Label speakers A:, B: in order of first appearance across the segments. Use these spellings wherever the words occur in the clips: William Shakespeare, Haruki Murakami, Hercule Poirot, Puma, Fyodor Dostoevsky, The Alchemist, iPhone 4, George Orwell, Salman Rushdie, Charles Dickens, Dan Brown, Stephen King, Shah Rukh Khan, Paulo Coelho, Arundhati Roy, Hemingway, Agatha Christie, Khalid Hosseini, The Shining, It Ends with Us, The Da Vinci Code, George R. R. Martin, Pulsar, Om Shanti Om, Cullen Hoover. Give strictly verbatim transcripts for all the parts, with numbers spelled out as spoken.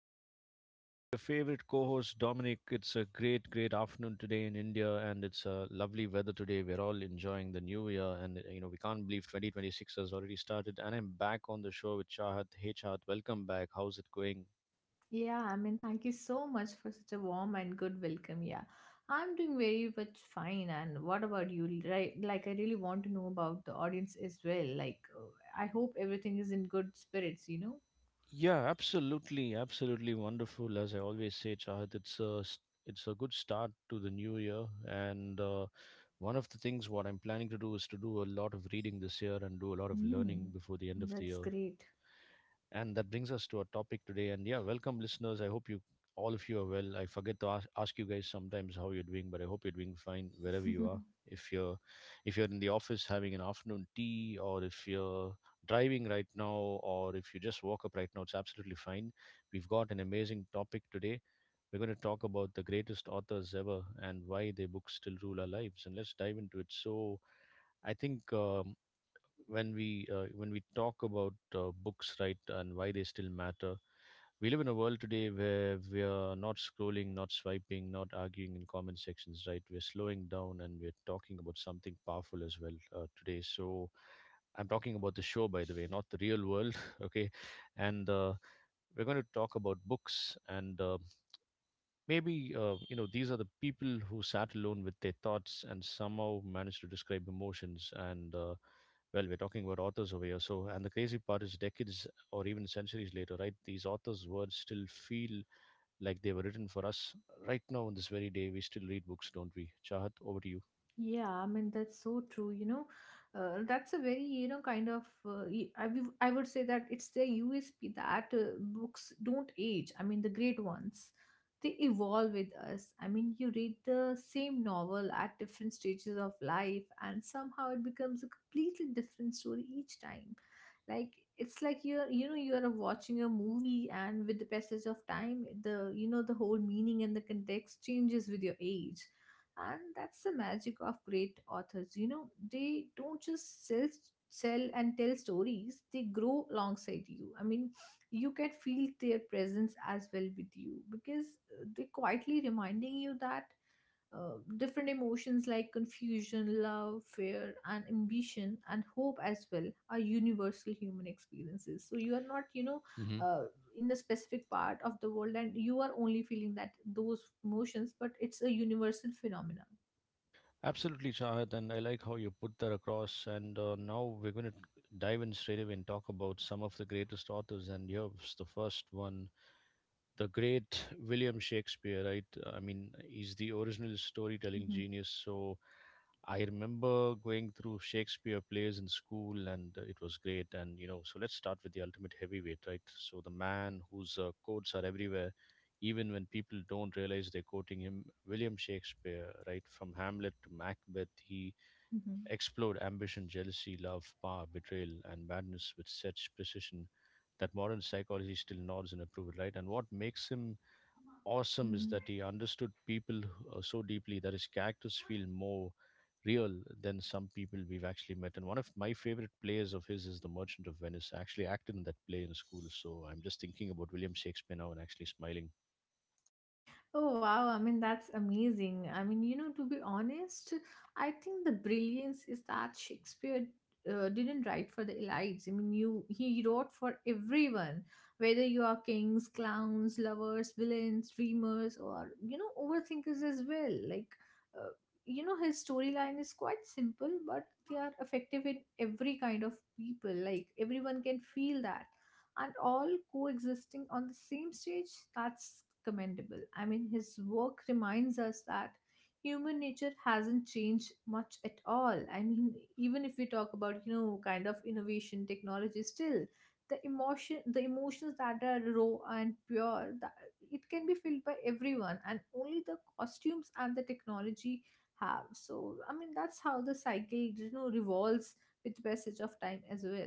A: afternoon show with your favorite co host, Dominic. It's a great, great afternoon today in India, and it's a lovely weather today. We're all enjoying the new year, and you know, we can't believe twenty twenty-six has already started. And I'm back on the show with Chahat. Hey, Chahat, welcome back. How's it going?
B: Yeah, I mean, thank you so much for such a warm and good welcome. Yeah, I'm doing very much fine. And what about you? Right, like I really want to know about the audience as well. Like, uh, I hope everything is in good spirits. You know.
A: Yeah, absolutely, absolutely wonderful. As I always say, Chahat, it's a s- it's a good start to the new year, and uh, one of the things what I'm planning to do is to do a lot of reading this year and do a lot of learning
B: Hmm.
A: before the end of the
B: That's
A: year.
B: great.
A: And that brings us to our topic today. And yeah, welcome, listeners. I hope you all of you are well. I forget to ask, ask you guys sometimes how you're doing, but I hope you're doing fine wherever you are. If you're if you're in the office having an afternoon tea, or if you're driving right now, or if you just woke up right now, it's absolutely fine. We've got an amazing topic today. We're going to talk about the greatest authors ever and why their books still rule our lives. And let's dive into it. So, I think um, when we uh, when we talk about uh, books, right? And why they still matter, we live in a world today where we are not scrolling, not swiping, not arguing in comment sections, right? We're slowing down and we're talking about something powerful as well, uh, today. So, I'm talking about the show, by the way, not the real world. Okay, and uh, we're going to talk about books, and uh, maybe, uh, you know, these are the people who sat alone with their thoughts and somehow managed to describe emotions. And, uh, well, we're talking about authors over here. So, and the crazy part is decades or even centuries later, right? These authors' words still feel like they were written for us. Right now, on this very day, we still read books, don't we? Chahat, over to you.
B: Yeah, I mean that's so true. You know, uh, that's a very you know kind of uh, y- I w- I would say that it's their U S P that uh, books don't age. I mean the great ones, they evolve with us. I mean you read the same novel at different stages of life, and somehow it becomes a completely different story each time. Like it's like you're you know you are watching a movie, and with the passage of time, the you know the whole meaning and the context changes with your age, and that's the magic of great authors. You know, they don't just sell sell and tell stories, they grow alongside you. I mean, you can feel their presence as well with you because uh, they're quietly reminding you that uh, different emotions like confusion, love, fear, and ambition, and hope as well are universal human experiences. So you are not, you know,
A: Hmm.
B: uh, in the specific part of the world and you are only feeling that those emotions, but it's a universal phenomenon.
A: Absolutely, Chahat, and I like how you put that across. And uh, now we're going to dive in straight away and talk about some of the greatest authors. And here's the first one, the great William Shakespeare, right? I mean, he's the original storytelling
B: Mm-hmm.
A: genius. So I remember going through Shakespeare plays in school, and uh, it was great. And you know, so let's start with the ultimate heavyweight, right? So the man whose uh, quotes are everywhere, even when people don't realize they're quoting him. William Shakespeare, right? From Hamlet to Macbeth, he
B: Mm-hmm.
A: explored ambition, jealousy, love, power, betrayal, and madness with such precision that modern psychology still nods in approval, right? And what makes him awesome is that
B: Mm-hmm.
A: he understood people who- uh, so deeply that his characters feel more real than some people we've actually met. And one of my favorite plays of his is The Merchant of Venice. I actually acted in that play in school, so I'm just thinking about William Shakespeare now and actually smiling.
B: Oh wow, I mean that's amazing. I mean, you know, to be honest, I think the brilliance is that Shakespeare uh, didn't write for the elites. I mean, you he wrote for everyone, whether you are kings, clowns, lovers, villains, dreamers or you know, overthinkers as well. Like uh, you know, his storyline is quite simple, but they are effective in every kind of people. Like everyone can feel that, and all coexisting on the same stage, that's commendable. I mean, his work reminds us that human nature hasn't changed much at all. I mean, even if we talk about, you know, kind of innovation, technology, still the emotion the emotions that are raw and pure, that it can be felt by everyone, and only the costumes and the technology have. So I mean, that's how the cycle, you know, revolves with passage of time as well.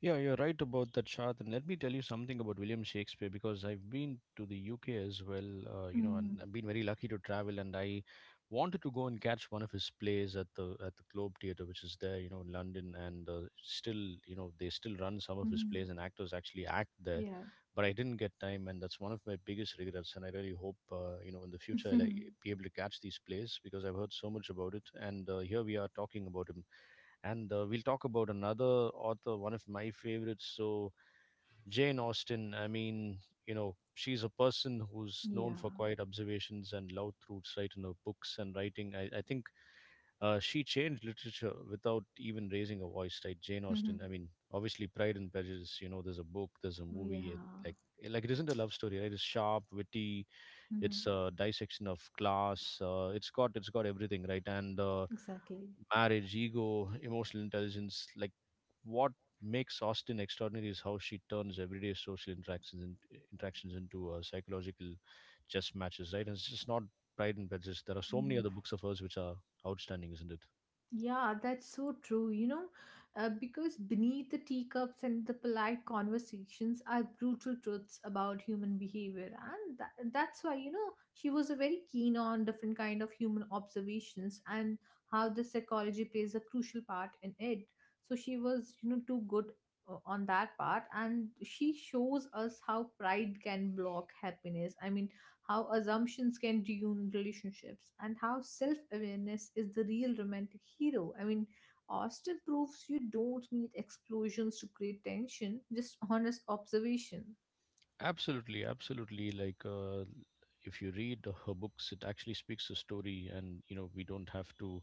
A: Yeah, you're right about that, Shad. And let me tell you something about William Shakespeare because I've been to the U K as well, uh, you know, and
B: Mm-hmm.
A: I've been very lucky to travel. And I wanted to go and catch one of his plays at the at the Globe Theatre, which is there, you know, in London. And uh, still, you know, they still run some of his plays, and actors actually act there.
B: Yeah.
A: But I didn't get time, and that's one of my biggest regrets. And I really hope, uh, you know, in the future I'll, like,
B: Mhm.
A: be able to catch these plays because I've heard so much about it. And uh, here we are talking about him and uh, we'll talk about another author, one of my favorites. So, Jane Austen, I mean, you know, she's a person who's known
B: Yeah.
A: for quiet observations and loud truths, right, in her books and writing. I, I think uh, she changed literature without even raising a voice, right? Jane Austen, I
B: Mhm.
A: mean, obviously, Pride and Prejudice, you know, there's a book, there's a movie, and
B: Yeah.
A: like, like it isn't a love story, right? It's sharp, witty, it's
B: Mhm.
A: a dissection of class, uh, it's got, it's got everything, right? And, uh,
B: Exactly.
A: marriage, ego, emotional intelligence. Like what makes Austin extraordinary is how she turns everyday social interactions in, interactions into uh, psychological chess matches, right? And it's just not Pride and Prejudice. There are so many
B: Mhm.
A: other books of hers which are outstanding, isn't it?
B: Yeah, that's so true, you know, uh, because beneath the teacups and the polite conversations are brutal truths about human behavior. And that, that's why, you know, she was a very keen on different kind of human observations, and how the psychology plays a crucial part in it. So she was, you know, too good uh, on that part. And she shows us how pride can block happiness. I mean, how assumptions can ruin relationships, and how self awareness is the real romantic hero. I mean, Austin proves you don't need explosions to create tension, just honest observation.
A: Absolutely, absolutely. Like uh, if you read her books, it actually speaks the story, and you know we don't have to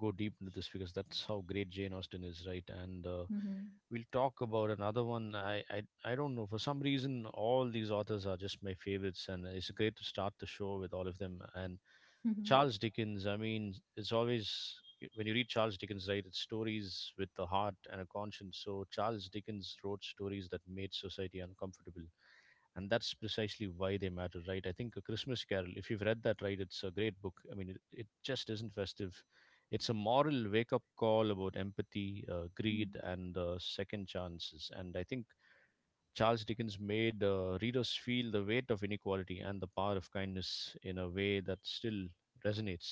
A: go deep into this because that's how great Jane Austen is, right? And uh,
B: Mm-hmm.
A: we'll talk about another one. I, I I don't know. For some reason, all these authors are just my favorites, and it's great to start the show with all of them. And Charles Dickens, I mean, it's always when you read Charles Dickens, right? It's stories with a heart and a conscience. So Charles Dickens wrote stories that made society uncomfortable, and that's precisely why they matter, right? I think A Christmas Carol, if you've read that, right, it's a great book. I mean, it, it just isn't festive, it's a moral wake up call about empathy, uh, greed, and uh, second chances. And I think Charles Dickens made uh, readers feel the weight of inequality and the power of kindness in a way that still resonates.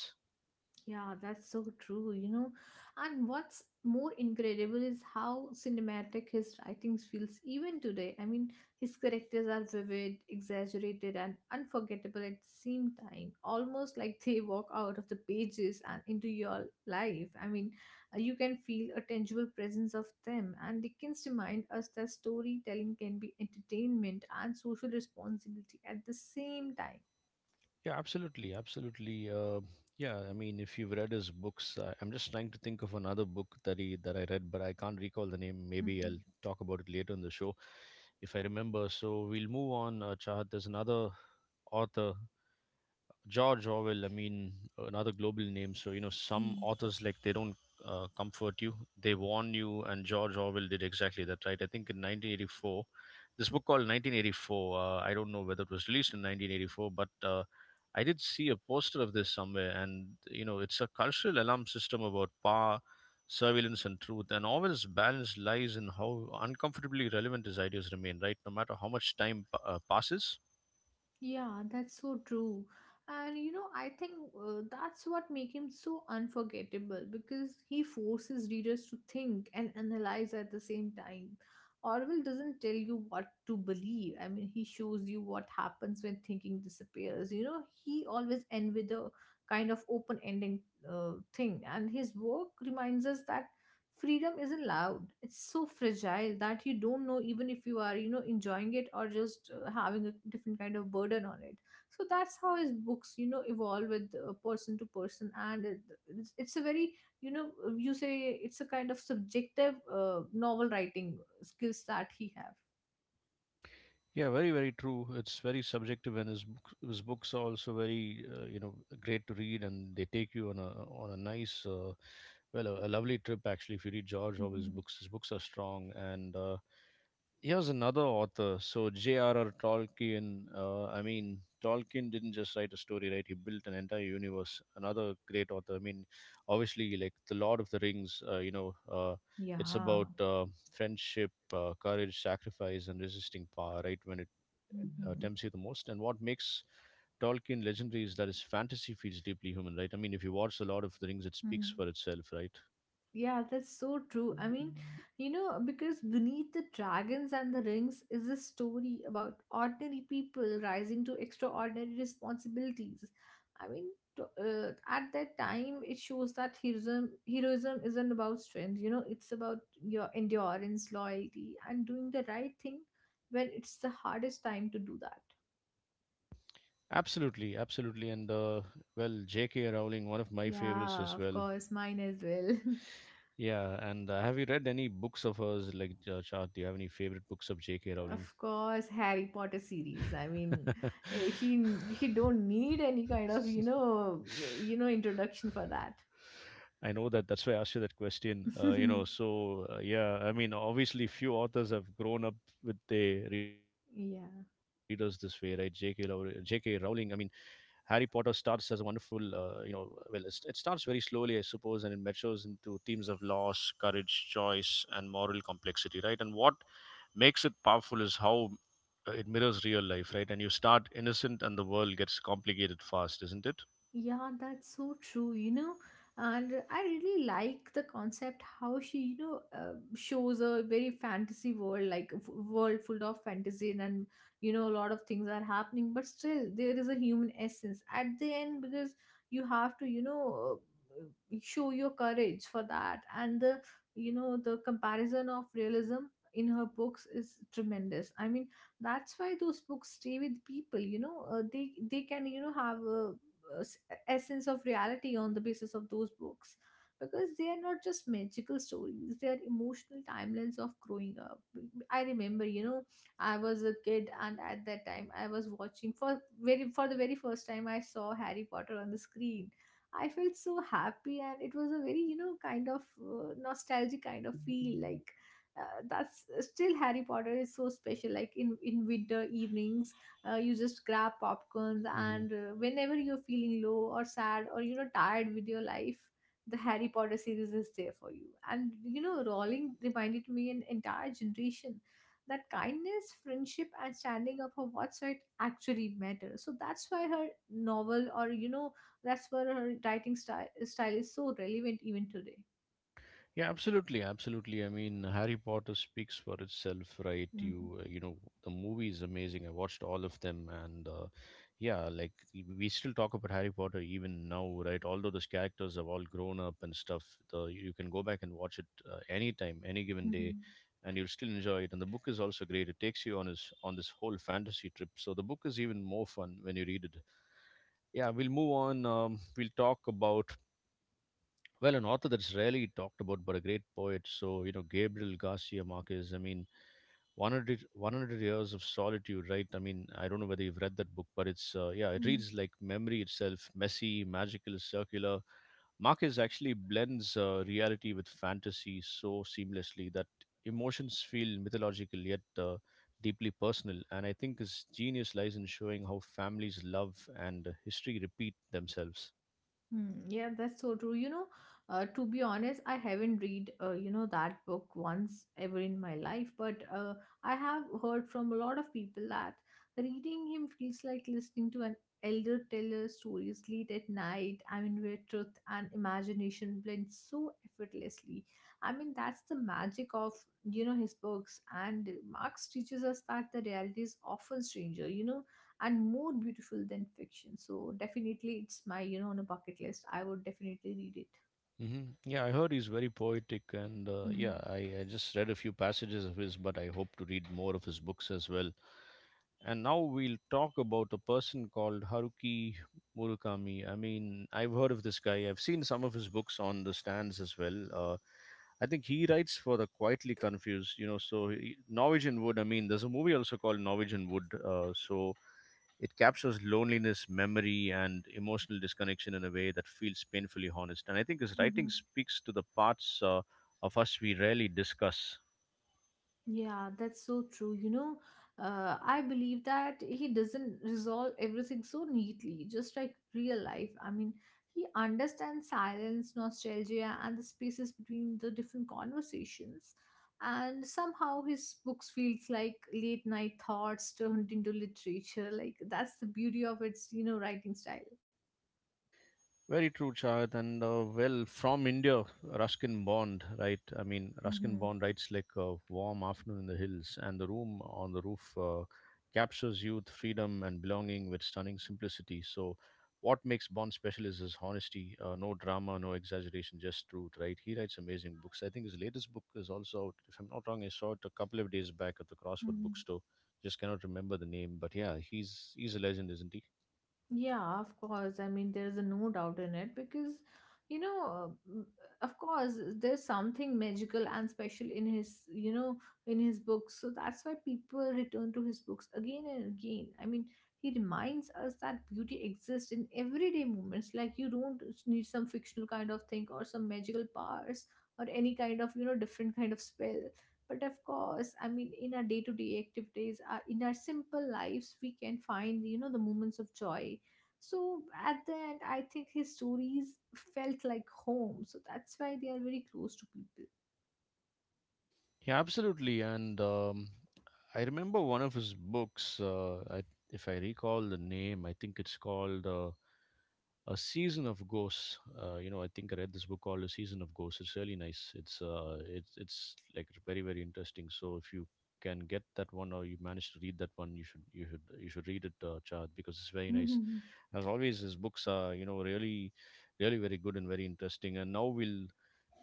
B: Yeah, that's so true, you know. And what's more incredible is how cinematic his writing feels even today. I mean, his characters are vivid, exaggerated, and unforgettable at the same time, almost like they walk out of the pages and into your life. I mean, uh, you can feel a tangible presence of them. And Dickens remind us that storytelling can be entertainment and social responsibility at the same time.
A: Yeah, absolutely, absolutely. Uh, yeah, I mean, if you've read his books, uh, I'm just trying to think of another book that he that I read, but I can't recall the name. Maybe I'll talk about it later in the show if I remember. So we'll move on, uh, Chahat. There's another author George Orwell, I mean, another global name. So, you know, some
B: Mhm.
A: authors like they don't uh, comfort you, they warn you. And George Orwell did exactly that, right? I think in nineteen eighty-four, this book called nineteen eighty-four, uh, I don't know whether it was released in nineteen eighty-four, but uh, I did see a poster of this somewhere. And, you know, it's a cultural alarm system about power, surveillance, and truth. And Orwell's balance lies in how uncomfortably relevant his ideas remain, right? No matter how much time uh, passes.
B: Yeah, that's so true. And you know, I think uh, that's what makes him so unforgettable, because he forces readers to think and analyze at the same time. Orwell doesn't tell you what to believe. I mean, he shows you what happens when thinking disappears. You know, he always end with a kind of open-ending uh, thing, and his work reminds us that freedom isn't loud. It's so fragile that you don't know even if you are, you know, enjoying it or just uh, having a different kind of burden on it. So that's how his books, you know, evolve with uh, person to person. And it- it's, it's a very, you know, uh, you say it's a kind of subjective uh, novel writing skills that he have.
A: Yeah, very, very true. It's very subjective, and his book, his books are also very, uh, you know, great to read, and they take you on a on a nice, uh, well, a, a lovely trip actually. If you read George Orwell's
B: Hmm.
A: books, his books are strong. And uh, here's another author, so J R R. Tolkien. Uh, I mean, Tolkien didn't just write a story, right? He built an entire universe. Another great author. I mean, obviously, like The Lord of the Rings. Uh, you know, uh, it's
B: Yeah.
A: about uh, friendship, uh, courage, sacrifice, and resisting power, right? When it uh,
B: Hmm.
A: Dempsey the most. And what makes Tolkien legendary is that his fantasy feels deeply human, right? I mean, if you watch a lot of the Rings, it speaks
B: Hmm.
A: for itself, right?
B: Yeah, that's so true. I mean, you know, because beneath the dragons and the rings is a story about ordinary people rising to extraordinary responsibilities. I mean, to, uh, at that time, it shows that heroism heroism isn't about strength. You know, it's about your endurance, loyalty, and doing the right thing when it's the hardest time to do that.
A: Absolutely, absolutely. And uh, well, J K. Rowling, one of my favorites
B: Yeah,
A: as
B: of
A: well.
B: course, mine as well.
A: Yeah, and uh, have you read any books of hers? Like, uh, Shah, do you have any favorite books of J K. Rowling?
B: Of course, Harry Potter series. I mean, eh, she she don't need any kind of you know you know introduction for that.
A: I know that. That's why I asked you that question. Uh, you know, so uh, yeah, I mean, obviously, few authors have grown up with their readers this way, right?
B: Yeah.
A: J K Rowling, J K Rowling. I mean, Harry Potter starts as a wonderful, uh, you know, well, it, it starts very slowly, I suppose, and it matures into themes of loss, courage, choice, and moral complexity, right? And what makes it powerful is how uh, it mirrors real life, right? And you start innocent, and the world gets complicated fast, isn't it?
B: Yeah, that's so true, you know. And I really like the concept how she, you know, uh, shows a very fantasy world, like a f- world full of fantasy and, and, you know, a lot of things are happening, but still there is a human essence at the end, because you have to, you know, uh, show your courage for that. And the, you know, the comparison of realism in her books is tremendous. I mean, that's why those books stay with people, you know. uh, they they can, you know, have a, a s- essence of reality on the basis of those books, because they are not just magical stories, they are emotional timelines of growing up. I remember, you know, I was a kid, and at that time I was watching for very for the very first time. I saw Harry Potter on the screen. I felt so happy, and it was a very, you know, kind of uh, nostalgic kind of feel. Like uh, that's uh, still Harry Potter is so special. Like in in winter evenings, uh, you just grab popcorns, and uh, whenever you're feeling low or sad or you know tired with your life, the Harry Potter series is there for you. And you know, Rowling reminded me an entire generation that kindness, friendship, and standing up for what's right actually matter. So that's why her novel, or you know, that's why her writing style style is so relevant even today.
A: Yeah, absolutely, absolutely. I mean, Harry Potter speaks for itself, right?
B: Hmm.
A: You, uh, you know, the movie is amazing. I watched all of them, and uh, yeah, like we still talk about Harry Potter even now, right? Although those characters have all grown up and stuff, the you can go back and watch it uh, anytime, any given day,
B: Hmm.
A: and you'll still enjoy it. And the book is also great. It takes you on this on this whole fantasy trip. So the book is even more fun when you read it. Yeah, we'll move on. Um, we'll talk about, well, an author that's rarely talked about, but a great poet. So, you know, Gabriel Garcia Marquez, I mean, one hundred one hundred Years of Solitude, right? I mean, I don't know whether you've read that book, but it's, uh, yeah, it
B: Hmm.
A: reads like memory itself, messy, magical, circular. Marquez actually blends uh, reality with fantasy so seamlessly that emotions feel mythological yet uh, deeply personal. And I think his genius lies in showing how families love and history repeat themselves.
B: Hmm, yeah, that's so true. You know, uh, to be honest, I haven't read, uh, you know, that book once ever in my life, but uh, I have heard from a lot of people that reading him feels like listening to an elder tell us stories late at night. I mean, where truth and imagination blend so effortlessly. I mean, that's the magic of, you know, his books. And Marx teaches us that the reality is often stranger, you know, and more beautiful than fiction. So definitely it's my, you know, on a bucket list. I would definitely read it.
A: hmm Yeah, I heard he's very poetic, and uh, yeah,
B: Mhm.
A: I, I just read a few passages of his, but I hope to read more of his books as well. And now we'll talk about a person called Haruki Murakami. I mean, I've heard of this guy, I've seen some of his books on the stands as well. Uh, I think he writes for the Quietly Confused, you know. So he, Norwegian Wood. I mean, there's a movie also called Norwegian Wood. Uh, so it captures loneliness, memory, and emotional disconnection in a way that feels painfully honest. And I think his writing
B: Mhm.
A: speaks to the parts uh, of us we rarely discuss.
B: Yeah, that's so true. You know, uh, I believe that he doesn't resolve everything so neatly, just like real life. I mean, he understands silence, nostalgia, and the spaces between the different conversations. And somehow his books feels like late night thoughts turned into literature. Like that's the beauty of its, you know, writing style.
A: Very true, Chad. And uh, well, from India, Ruskin Bond, right? I mean, Ruskin Bond writes like a warm afternoon in the hills, and the room on the roof uh, captures youth, freedom, and belonging with stunning simplicity. So, what makes Bond special is his honesty, uh, no drama, no exaggeration, just truth, right? He writes amazing books. I think his latest book is also out. If I'm not wrong, I saw it a couple of days back at the Crossword
B: Hmm.
A: bookstore. Just cannot remember the name, but yeah, he's he's a legend, isn't he?
B: Yeah, of course. I mean, there's a no doubt in it, because, you know, uh, of course, there's something magical and special in his, you know, in his books. So that's why people return to his books again and again. I mean, he reminds us that beauty exists in everyday moments. Like you don't need some fictional kind of thing or some magical powers or any kind of, you know, different kind of spell. But of course, I mean, in our day-to-day activities, uh, in our simple lives, we can find, you know, the moments of joy. So at the end, I think his stories felt like home. So that's why they are very close to people.
A: Yeah, absolutely. And um, I remember one of his books. Uh, I, if I recall the name, I think it's called uh, "A Season of Ghosts." Uh, you know, I think I read this book called "A Season of Ghosts." It's really nice. It's uh, it's it's like very very interesting. So if you can get that one or you manage to read that one, you should you should you should read it, uh, Chad, because it's very nice.
B: Mm-hmm.
A: As always, his books are you know really really very good and very interesting. And now we'll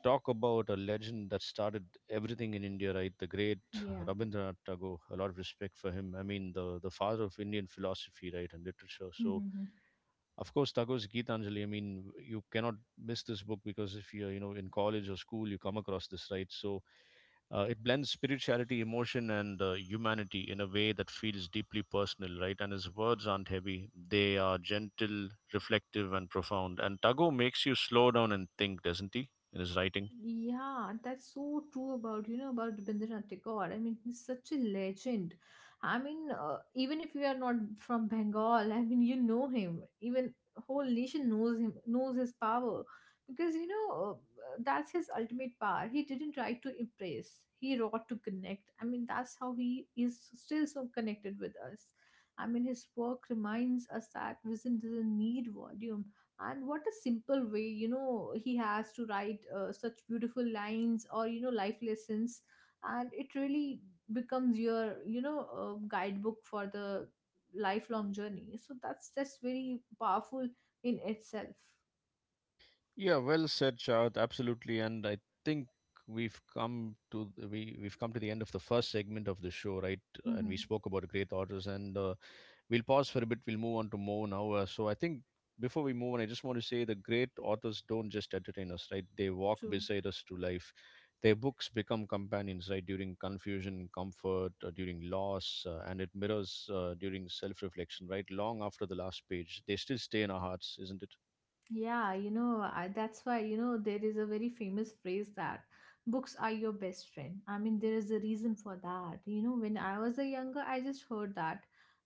A: talk about a legend that started everything in India, right? The great
B: Yeah.
A: Rabindranath Tagore. A lot of respect for him. I mean, the the father of Indian philosophy, right, and literature. So, of course, Tagore's Gitanjali. I mean, you cannot miss this book because if you're, you know, in college or school, you come across this, right? So, uh, it blends spirituality, emotion, and uh, humanity in a way that feels deeply personal, right? And his words aren't heavy; they are gentle, reflective, and profound. And Tagore makes you slow down and think, doesn't he? In his writing.
B: Yeah, that's so true about, you know, about Rabindranath Tagore. I mean, he's such a legend. I mean, uh, even if you are not from Bengal, I mean, you know him. Even whole nation knows him, knows his power, because you know uh, that's his ultimate power. He didn't try to impress. He wrought to connect. I mean, that's how he is still so connected with us. I mean, his work reminds us that vision doesn't need volume, and what a simple way, you know, he has to write uh, such beautiful lines or you know life lessons. And it really becomes your, you know, uh, guidebook for the lifelong journey. So that's that's very powerful in itself.
A: Yeah, well said, Shad. Absolutely, and I think we've come to the- we we've come to the end of the first segment of the show, right? And
B: Hmm.
A: we spoke about great authors, and uh, we'll pause for a bit. We'll move on to more now. Uh, so I think before we move on, I just want to say the great authors don't just entertain us, right? They walk
B: True.
A: beside us through life. Their books become companions, right? During confusion, comfort, uh, during loss, uh, and it mirrors uh, during self-reflection, right? Long after the last page, they still stay in our hearts, isn't it?
B: Yeah, you know, I, that's why, you know, there is a very famous phrase that books are your best friend. I mean, there is a reason for that. You know, when I was a younger, I just heard that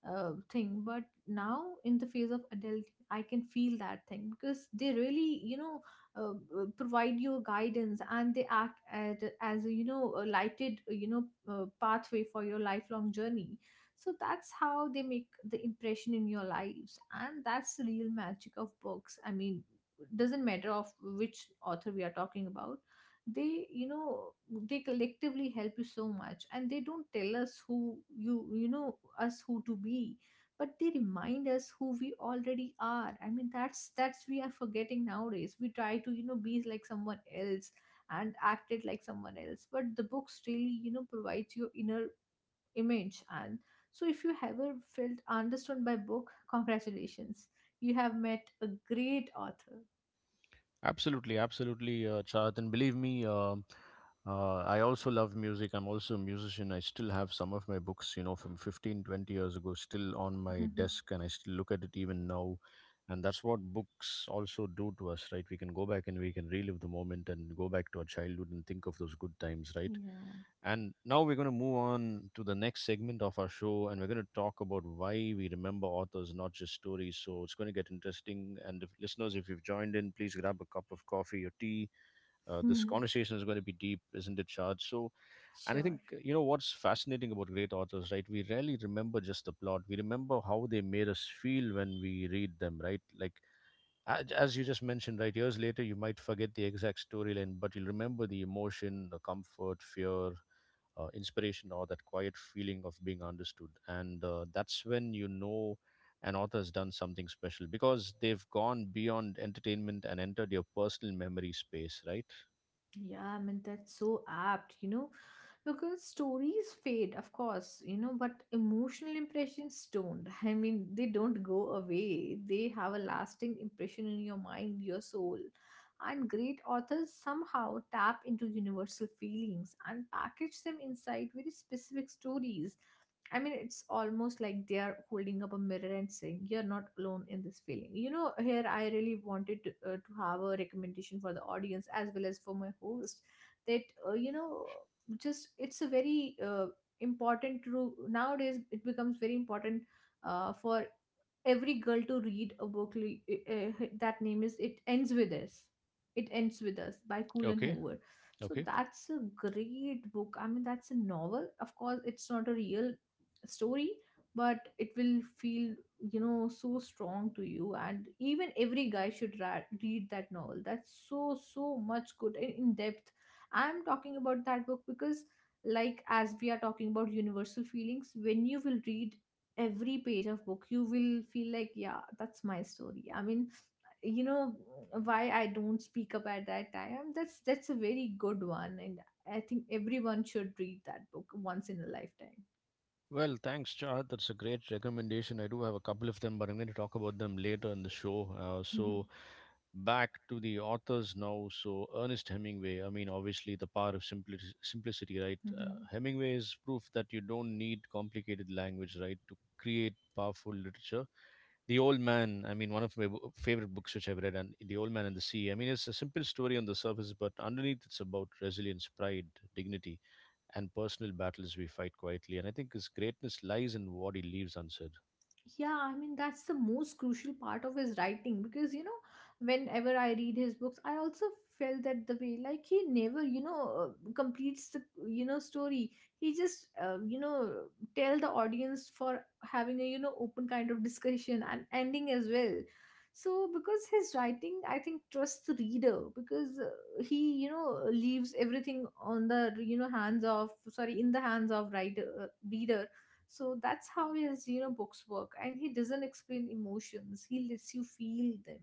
B: uh, thing. But now, in the phase of adult, I can feel that thing because they really, you know, uh, uh, provide you guidance and they act as, as a, you know, a lighted, you know, uh, pathway for your lifelong journey. So that's how they make the impression in your lives, and that's the real magic of books. I mean, doesn't matter of which author we are talking about, they you know they collectively help you so much, and they don't tell us who you you know us who to be, but they remind us who we already are. I mean, that's that's we are forgetting nowadays. We try to, you know, be like someone else and act it like someone else, but the books really, you know, provides your inner image. And so if you ever felt understood by book, congratulations, you have met a great author.
A: Absolutely, absolutely, uh, Chad. And believe me, um uh, I also love music. I'm also a musician. I still have some of my books, you know, from fifteen, twenty years ago, still on my desk, and I still look at it even now. And that's what books also do to us, right? We can go back and we can relive the moment and go back to our childhood and think of those good times, right?
B: Yeah.
A: And now we're going to move on to the next segment of our show, and we're going to talk about why we remember authors, not just stories. So it's going to get interesting. And if, listeners, if you've joined in, please grab a cup of coffee or tea. Uh, this conversation is going to be deep, isn't it, Shad? So, and I think,
B: Sure.
A: you know, what's fascinating about great authors, right? We rarely remember just the plot. We remember how they made us feel when we read them, right? Like, as, as you just mentioned, right? Years later, you might forget the exact storyline, but you'll remember the emotion, the comfort, fear, uh, inspiration or that quiet feeling of being understood. And uh, that's when you know an author has done something special because they've gone beyond entertainment and entered your personal memory space, right?
B: Yeah, I mean, that's so apt, you know, because stories fade, of course, you know, but emotional impressions don't. I mean, they don't go away, they have a lasting impression in your mind, your soul. And great authors somehow tap into universal feelings and package them inside very specific stories. I mean, it's almost like they are holding up a mirror and saying, You're not alone in this feeling. You know, here I really wanted to, uh, to have a recommendation for the audience as well as for my host that, uh, you know, just it's a very uh, important to nowadays, it becomes very important uh, for every girl to read a book li- uh, That name is it ends with us. It ends with Us by Cullen
A: Okay.
B: Hoover. So
A: Okay.
B: that's a great book. I mean, that's a novel, of course, it's not a real story, but it will feel, you know, so strong to you. And even every guy should ra- read that novel. That's so so much good and in depth. I'm talking about that book because, like, as we are talking about universal feelings, when you will read every page of book, you will feel like, yeah, that's my story. I mean, you know, why I don't speak up at that time. That's that's a very good one, and I think everyone should read that book once in a
A: Well, thanks, Chad. That's a great recommendation. I do have a couple of them, but I'm going to talk about them later in the show. Uh, so,
B: lifetime.
A: back to the authors now. So Ernest Hemingway, I mean, obviously the power of simpli- simplicity, right? Uh, Hemingway is proof that you don't need complicated language, right, to create powerful literature. The Old Man, I mean, one of my w- favorite books which I've read, and The Old Man and the Sea. I mean, it's a simple story on the surface, but underneath it's about resilience, pride, dignity, and personal battles we fight quietly. And I think his greatness lies in what he leaves unsaid.
B: Yeah, I mean, that's the most crucial part of his writing, because, you know, whenever I read his books, I also felt that the way, like, he never, you know, uh, completes the, you know, story. He just, uh, you know, tell the audience for having a, you know, open kind of discussion and ending as well. So because his writing, I think, trusts the reader, because uh, he, you know, leaves everything on the, you know, hands of, sorry, in the hands of writer, uh, reader. So that's how his, you know, books work, and he doesn't explain emotions; he lets you feel them.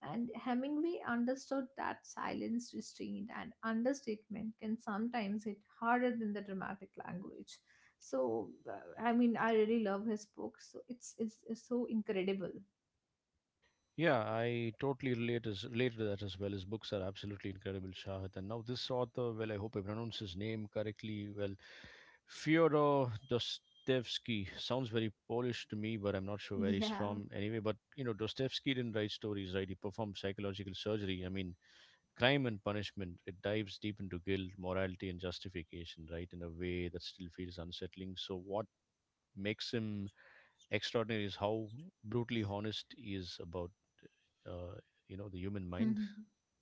B: And Hemingway understood that silence, restraint, and understatement can sometimes hit harder than the dramatic language. So, uh, I mean, I really love his books. So it's it's, it's so incredible.
A: Yeah, I totally relate as relate to that as well. His books are absolutely incredible, Shahid. And now this author, well, I hope I pronounce his name correctly. Well, Fyodor Dostoevsky sounds very Polish to me, but I'm not sure where he's
B: Yeah.
A: from. Anyway, but you know, Dostoevsky didn't write stories, right? He performed psychological surgery. I mean, crime and punishment. It dives deep into guilt, morality, and justification, right? In a way that still feels unsettling. So, what makes him extraordinary is how brutally honest he is about uh, you know the human mind.
B: Mhm.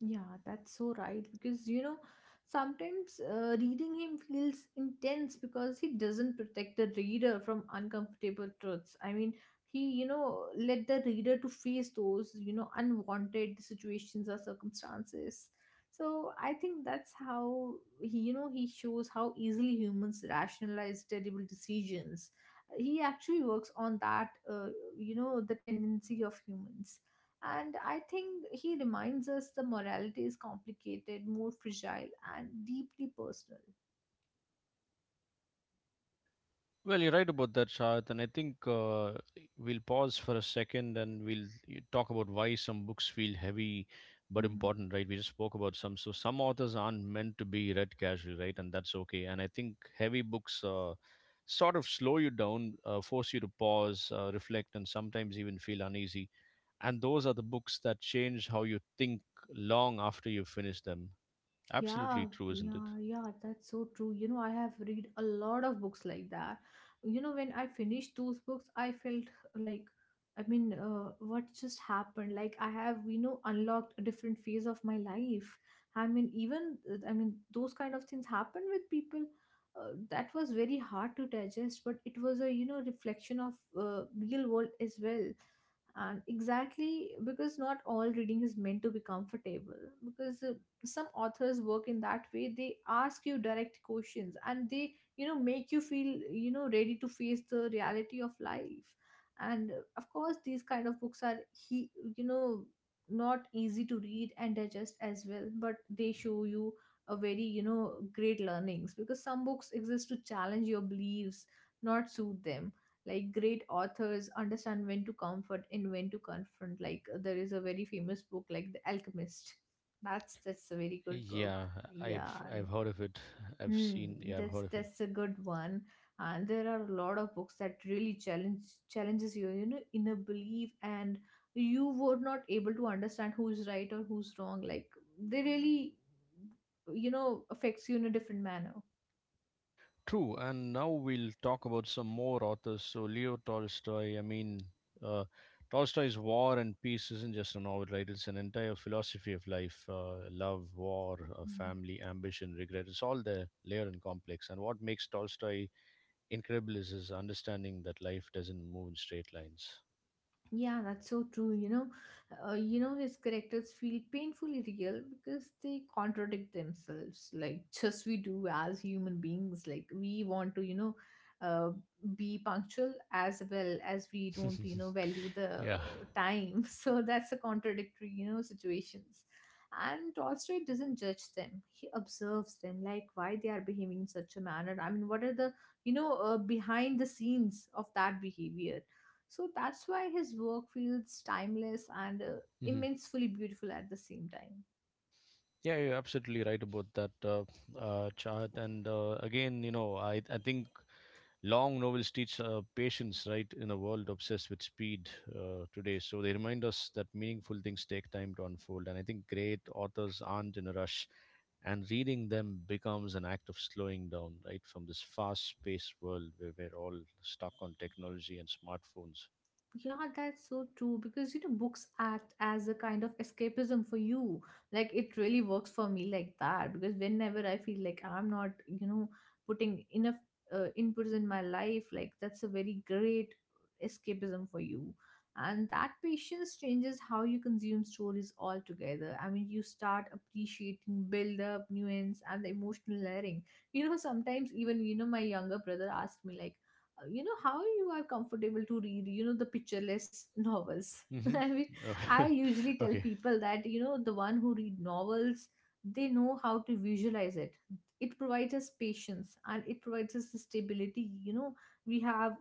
B: Yeah, that's so right, because, you know, sometimes uh, reading him feels intense because he doesn't protect the reader from uncomfortable truths. I mean, he, you know, let the reader to face those, you know, unwanted situations or circumstances. So I think that's how he you know he shows how easily humans rationalize terrible decisions. He actually works on that uh, you know, the tendency of humans, and I think he reminds us the morality is complicated, more fragile, and deeply personal.
A: Well, you're right about that, Shahid, and I think uh, we'll pause for a second and we'll y- talk about why some books feel heavy but
B: Mhm.
A: important, right? We just spoke about some. So some authors aren't meant to be read casually, right? And that's okay. And I think heavy books uh, sort of slow you down, uh, force you to pause, uh, reflect, and sometimes even feel uneasy, and those are the books that change how you think long after you finish them.
B: Yeah,
A: Absolutely true, isn't
B: yeah,
A: it?
B: yeah, that's so true. You know, I have read a lot of books like that. You know, when I finished those books, I felt uh, like, I mean, uh, what just happened? Like, I have, you know, unlocked a different phase of my life. I mean, even, uh, I mean, those kind of things happen with people. Uh, that was very hard to digest, but it was a, you know, reflection of uh, real world as well. And exactly because not all reading is meant to be comfortable, because uh, some authors work in that way. They ask you direct questions, and they, you know, make you feel, you know, ready to face the reality of life. And uh, of course these kind of books are he you know not easy to read and digest as well, but they show you a very, you know, great learnings, because some books exist to challenge your beliefs, not suit them. Like great authors understand when to comfort and when to confront. Like uh, there is a very famous book like The Alchemist. That's that's a very good book.
A: Yeah,
B: Yeah,
A: I've I've
B: I'm-
A: heard of it. I've
B: hmm,
A: seen. Yeah, I've
B: that's
A: heard of it.
B: that's a good one. And there are a lot of books that really challenge challenges you, you know, inner belief, and you were not able to understand who's right or who's wrong. Like they really, you know, affects you in a different manner.
A: True. And now we'll talk about some more authors. So Leo Tolstoy. I mean, uh, Tolstoy's War and Peace isn't just a novel, right? It's an entire philosophy of life, uh, love, war, uh,
B: Hmm.
A: family, ambition, regret. It's all there, layered and complex. And what makes Tolstoy incredible is his understanding that life doesn't move in straight lines.
B: Yeah, that's so true. You know, uh, you know, his characters feel painfully real because they contradict themselves, like, just we do as human beings. Like we want to, you know, uh, be punctual as well as we don't, you know, value the
A: yeah.
B: time. So that's a contradictory, you know, situations. And Tolstoy doesn't judge them; he observes them, like why they are behaving in such a manner. I mean, what are the, you know, uh, behind the scenes of that behavior? So that's why his work feels timeless and uh, immensely beautiful at the same time.
A: Yeah, you're absolutely right about that uh, uh, chart. And uh, again, you know, I, I think long novels teach uh, patience, right, in a world obsessed with speed uh, today. So they remind us that meaningful things take time to unfold. And I think great authors aren't in a rush. And reading them becomes an act of slowing down, right, from this fast paced world where we're all stuck on technology and smartphones.
B: Yeah, that's so true, because, you know, books act as a kind of escapism for you. Like it really works for me like that, because whenever I feel like I'm not, you know, putting enough uh, inputs in my life, like that's a very great escapism for you. And that patience changes how you consume stories altogether. I mean, you start appreciating build up, nuance, and the emotional layering. You know, sometimes, even, you know, my younger brother asked me, like, you know, how you are comfortable to read, you know, the pictureless novels. I mean,
A: Mm-hmm.
B: I usually tell
A: okay.
B: people that, you know, the one who read novels, they know how to visualize it. It provides us patience, and it provides us the stability. You know, we have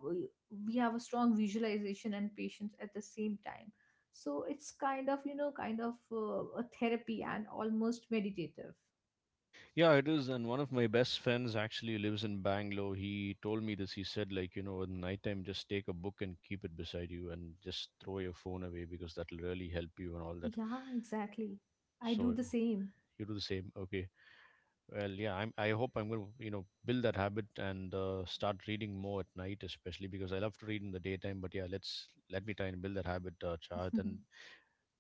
B: we have a strong visualization and patience at the same time. So it's kind of, you know, kind of uh, a therapy and almost meditative.
A: Yeah, it is. And one of my best friends actually lives in Bangalore. He told me this. He said, like, you know, at nighttime, just take a book and keep it beside you and just throw your phone away because that'll really help you and all that.
B: Yeah, exactly, I
A: So
B: do the same.
A: you do the same. Okay. Well, yeah, I'm, I hope I'm going to, you know, build that habit and uh, start reading more at night, especially because I love to read in the daytime. But yeah, let's let me try and build that habit, uh, Chad. And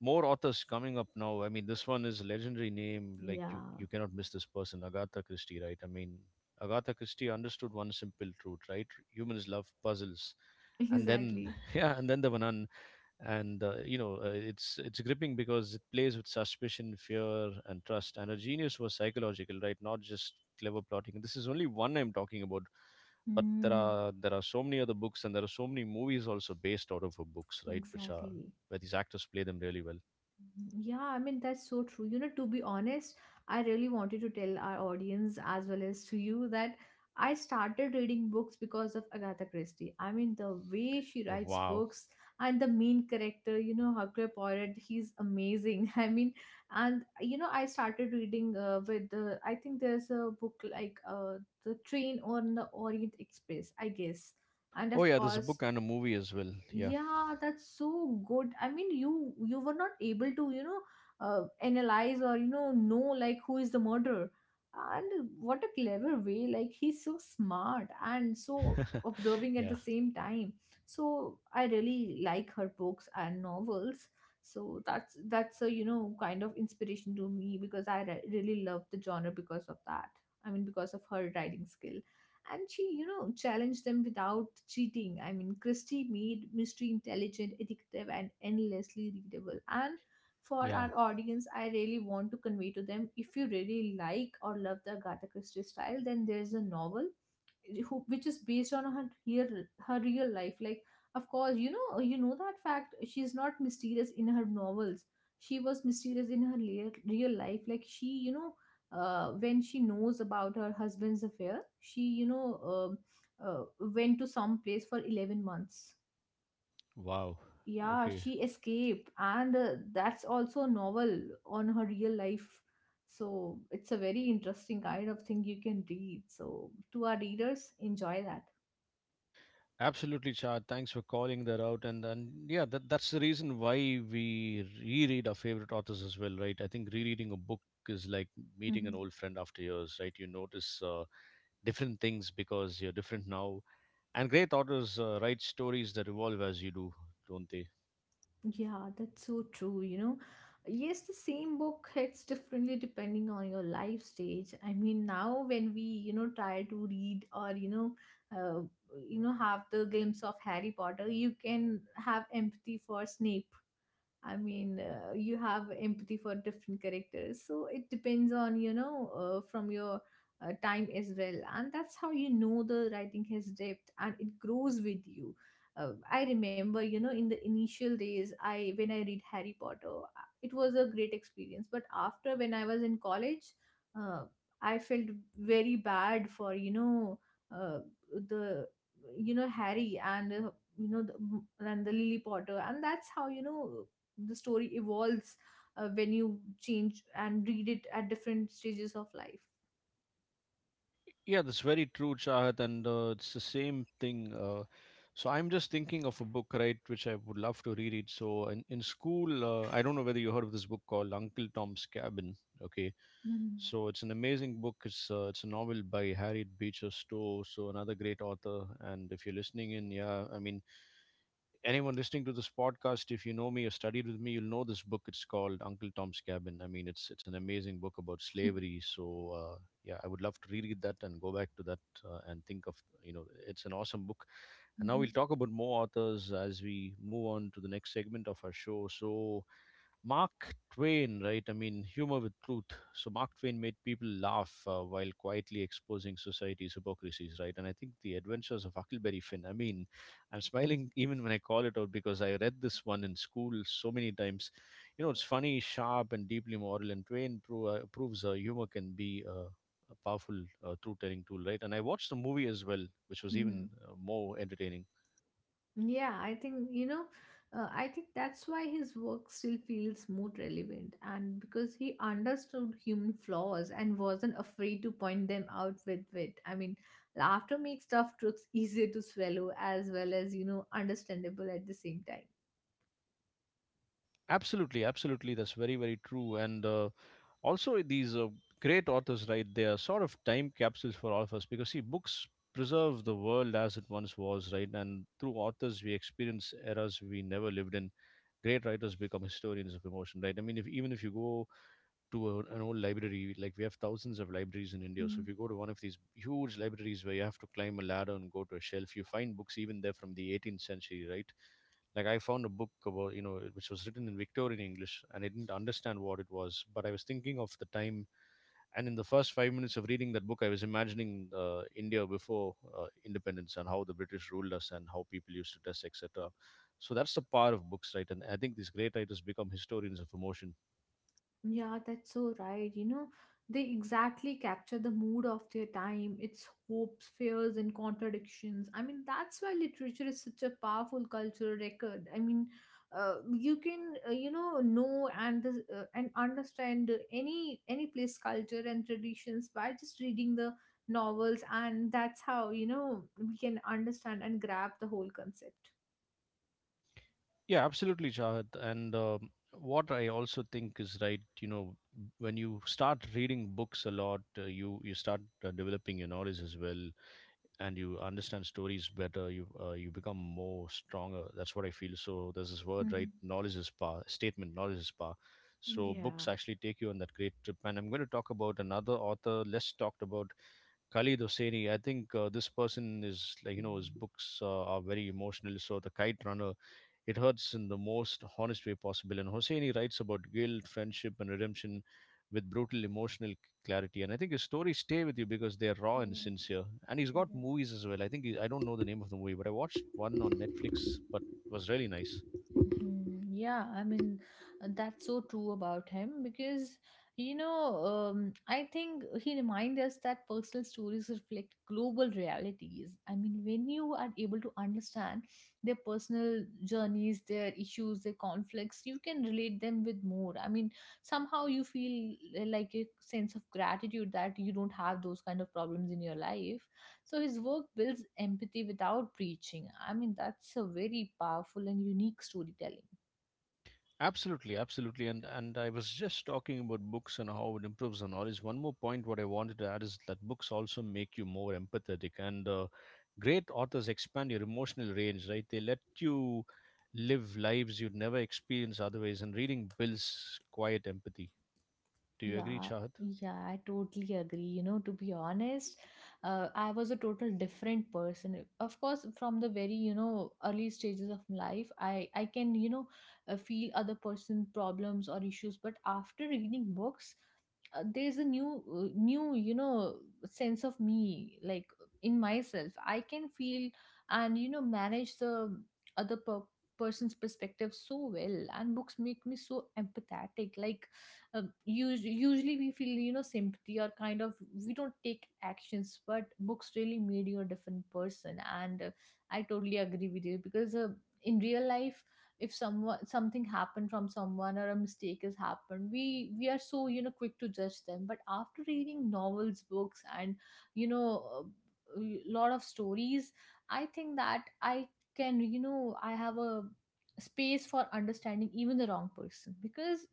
A: more authors coming up now. I mean, this one is a legendary name. Like you,
B: Yeah.
A: you cannot miss this person, Agatha Christie, right? I mean, Agatha Christie understood one simple truth, right? Humans love puzzles. And then,
B: Exactly.
A: yeah, and then the Vanan, and uh, you know, uh, it's it's gripping because it plays with suspicion, fear, and trust. And her genius was psychological, right? Not just clever plotting. And this is only one I'm talking about, but there
B: Mm,
A: are there are so many other books, and there are so many movies also based out of her books, right? Which are
B: exactly.
A: where these actors play them really well.
B: Yeah, I mean, that's so true. You know, to be honest, I really wanted to tell our audience as well as to you that I started reading books because of Agatha Christie. I mean, the way she writes
A: Wow.
B: books, and the main character, you know, Hercule Poirot, he's amazing. I mean, and, you know, I started reading uh, with the, I think there's a book like uh, The Train on the Orient Express, I guess. And
A: Oh
B: of
A: yeah, there's a
B: course,
A: book and a movie as well. Yeah.
B: yeah, that's so good. I mean, you you were not able to, you know, uh, analyze or, you know know like who is the murderer. And what a clever way, like he's so smart and so observing at
A: yeah.
B: the same time. So I really like her books and novels. So that's that's a, you know, kind of inspiration to me, because I re- really love the genre because of that. I mean, because of her writing skill. And she, you know, challenged them without cheating. I mean, Christie made mystery intelligent, addictive, and endlessly readable. And for
A: Yeah.
B: our audience, I really want to convey to them, if you really like or love the Agatha Christie style, then there's a novel who which is based on her real her real life. Like, of course, you know, you know that fact, she's not mysterious in her novels, she was mysterious in her real, real life. Like she, you know, uh, when she knows about her husband's affair, she, you know, um uh, went to some place for eleven months.
A: Wow.
B: Yeah,
A: Okay.
B: she escaped, and uh, that's also a novel on her real life. So it's a very interesting kind of thing you can read. So to our readers, enjoy that.
A: Absolutely, Chad. Thanks for calling that out. And and yeah, that that's the reason why we reread our favorite authors as well, right? I think rereading a book is like meeting an
B: Mhm.
A: old friend after years, right? You notice uh, different things because you're different now. And great authors uh, write stories that evolve as you do, don't they?
B: Yeah, that's so true. You know, yes, the same book hits differently depending on your life stage. I mean, now when we, you know, try to read or, you know, uh, you know, have the glimpse of Harry Potter, you can have empathy for Snape. I mean, uh, you have empathy for different characters. So it depends on, you know, uh, from your uh, time as well. And that's how, you know, the writing has depth, and it grows with you. Uh, I remember, you know, in the initial days, I when I read Harry Potter, uh, it was a great experience. But after when I was in college, uh, I felt very bad for, you know, uh, the, you know, Harry and, uh, you know, the, and the Lily Potter. And that's how, you know, the story evolves uh, when you change and read it at different stages of life.
A: Yeah, that's very true, Chahat, and uh, it's the same thing. Uh, so I'm just thinking of a book, right, which I would love to reread. So in, in school, uh, I don't know whether you heard of this book called Uncle Tom's Cabin. Okay,
B: Mm-hmm.
A: so it's an amazing book. It's uh, it's a novel by Harriet Beecher Stowe, so another great author. And if you're listening in, yeah, I mean anyone listening to this podcast, if you know me or studied with me, you'll know this book. It's called Uncle Tom's Cabin. I mean, it's it's an amazing book about slavery. So uh, yeah, I would love to reread that and go back to that uh, and think of you know, it's an awesome book. And now
B: Mm-hmm.
A: we'll talk about more authors as we move on to the next segment of our show. So Mark Twain, right? I mean, humor with truth. So Mark Twain made people laugh uh, while quietly exposing society's hypocrisies, right? And I think the Adventures of Huckleberry Finn. I mean, I'm smiling even when I call it out because I read this one in school so many times. You know, it's funny, sharp, and deeply moral. And Twain pro- uh, proves uh, humor can be uh, a powerful uh, truth-telling tool, right? And I watched the movie as well, which was
B: Mm-hmm.
A: even uh, more entertaining.
B: Yeah, i think you know uh, i think that's why his work still feels more relevant and because he understood human flaws and wasn't afraid to point them out with wit. I mean, laughter makes tough truths easier to swallow as well as you know understandable at the same
A: Absolutely, absolutely. That's very, very true. And uh, also these uh, great authors, right, they are sort of time capsules for all of us, because see, books preserve the world as it once was, right? And through authors we experience eras we never lived in. Great writers become historians of emotion, right? I mean, if even if you go to a, an old library. Like we have thousands of libraries in India. So if
B: time.
A: you go to one of these huge libraries where you have to climb a ladder and go to a shelf, you find books even there from the eighteenth century, right? Like I found a book about you know which was written in Victorian English, and I didn't understand what it was, but I was thinking of the time. And in the first five minutes of reading that book, I was imagining uh, India before uh, independence and how the British ruled us and how people used to dress, et cetera. So that's the power of books, right? And I think these great writers become historians of emotion.
B: Yeah, that's so right. You know, they exactly capture the mood of their time, its hopes, fears, and contradictions. I mean, that's why literature is such a powerful cultural record. I mean, uh, you can uh, you know know and the, uh, and understand any any place culture and traditions by just reading the novels, and that's how you know we can understand and grab the whole concept.
A: Yeah, absolutely, Shahid. And um, what I also think is right, you know, when you start reading books a lot, uh, you you start uh, developing your knowledge as well, and you understand stories better. You uh, you become more stronger. That's what I feel. So there's this word,
B: Mhm.
A: right? Knowledge is power. Statement: knowledge is power. So
B: Yeah.
A: books actually take you on that great trip. And I'm going to talk about another author less talked about, Khalid Hosseini. I think uh, this person is like, you know, his books uh, are very emotional. So the Kite Runner, it hurts in the most honest way possible. And Hosseini writes about guilt, friendship, and redemption with brutal emotional clarity. And I think his stories stay with you because they're raw and
B: Mm-hmm.
A: sincere. And he's got movies as well. I think he, I don't know the name of the movie, but I watched one on Netflix, but it was really nice.
B: Mhm. Yeah, I mean, uh, that's so true about him because, you know, um, I think he reminds us that personal stories reflect global realities. I mean, when you are able to understand their personal journeys, their issues, their conflicts, you can relate them with more. I mean, somehow you feel uh, like a sense of gratitude that you don't have those kind of problems in your life. So his work builds empathy without preaching. I mean, that's a very powerful and unique storytelling.
A: Absolutely, absolutely. And and I was just talking about books and how it improves our knowledge. One more point what I wanted to add is that books also make you more empathetic, and uh, great authors expand your emotional range, right? They let you live lives you'd never experience otherwise, and reading builds quiet empathy. Do you agree,
B: Yeah,
A: Chahat?
B: yeah, I totally agree. You know, to be honest, uh, I was a total different person. Of course, from the very, you know, early stages of life, I I can, you know, uh, feel other person problems or issues, but after reading books, uh, there's a new uh, new, you know, sense of me like in myself. I can feel and, you know, manage the other per person's perspective so well, and books make me so empathetic. Like um. usually, usually we feel you know sympathy or kind of we don't take actions, but books really made you a different person, and uh, I totally agree with you because uh, in real life, if someone something happened from someone or a mistake has happened, we we are so you know quick to judge them. But after reading novels, books, and you know a lot of stories, I think that I can you know I have a space for understanding even the wrong person, because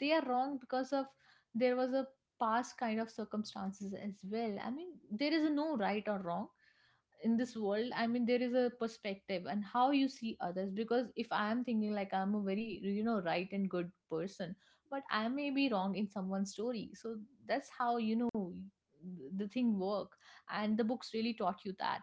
B: they are wrong because of there was a past kind of circumstances as well. I mean, there is a no right or wrong in this world. I mean, there is a perspective and how you see others, because if I am thinking like I'm a very you know right and good person, but I may be wrong in someone's story. So that's how you know the thing work, and the books really taught you that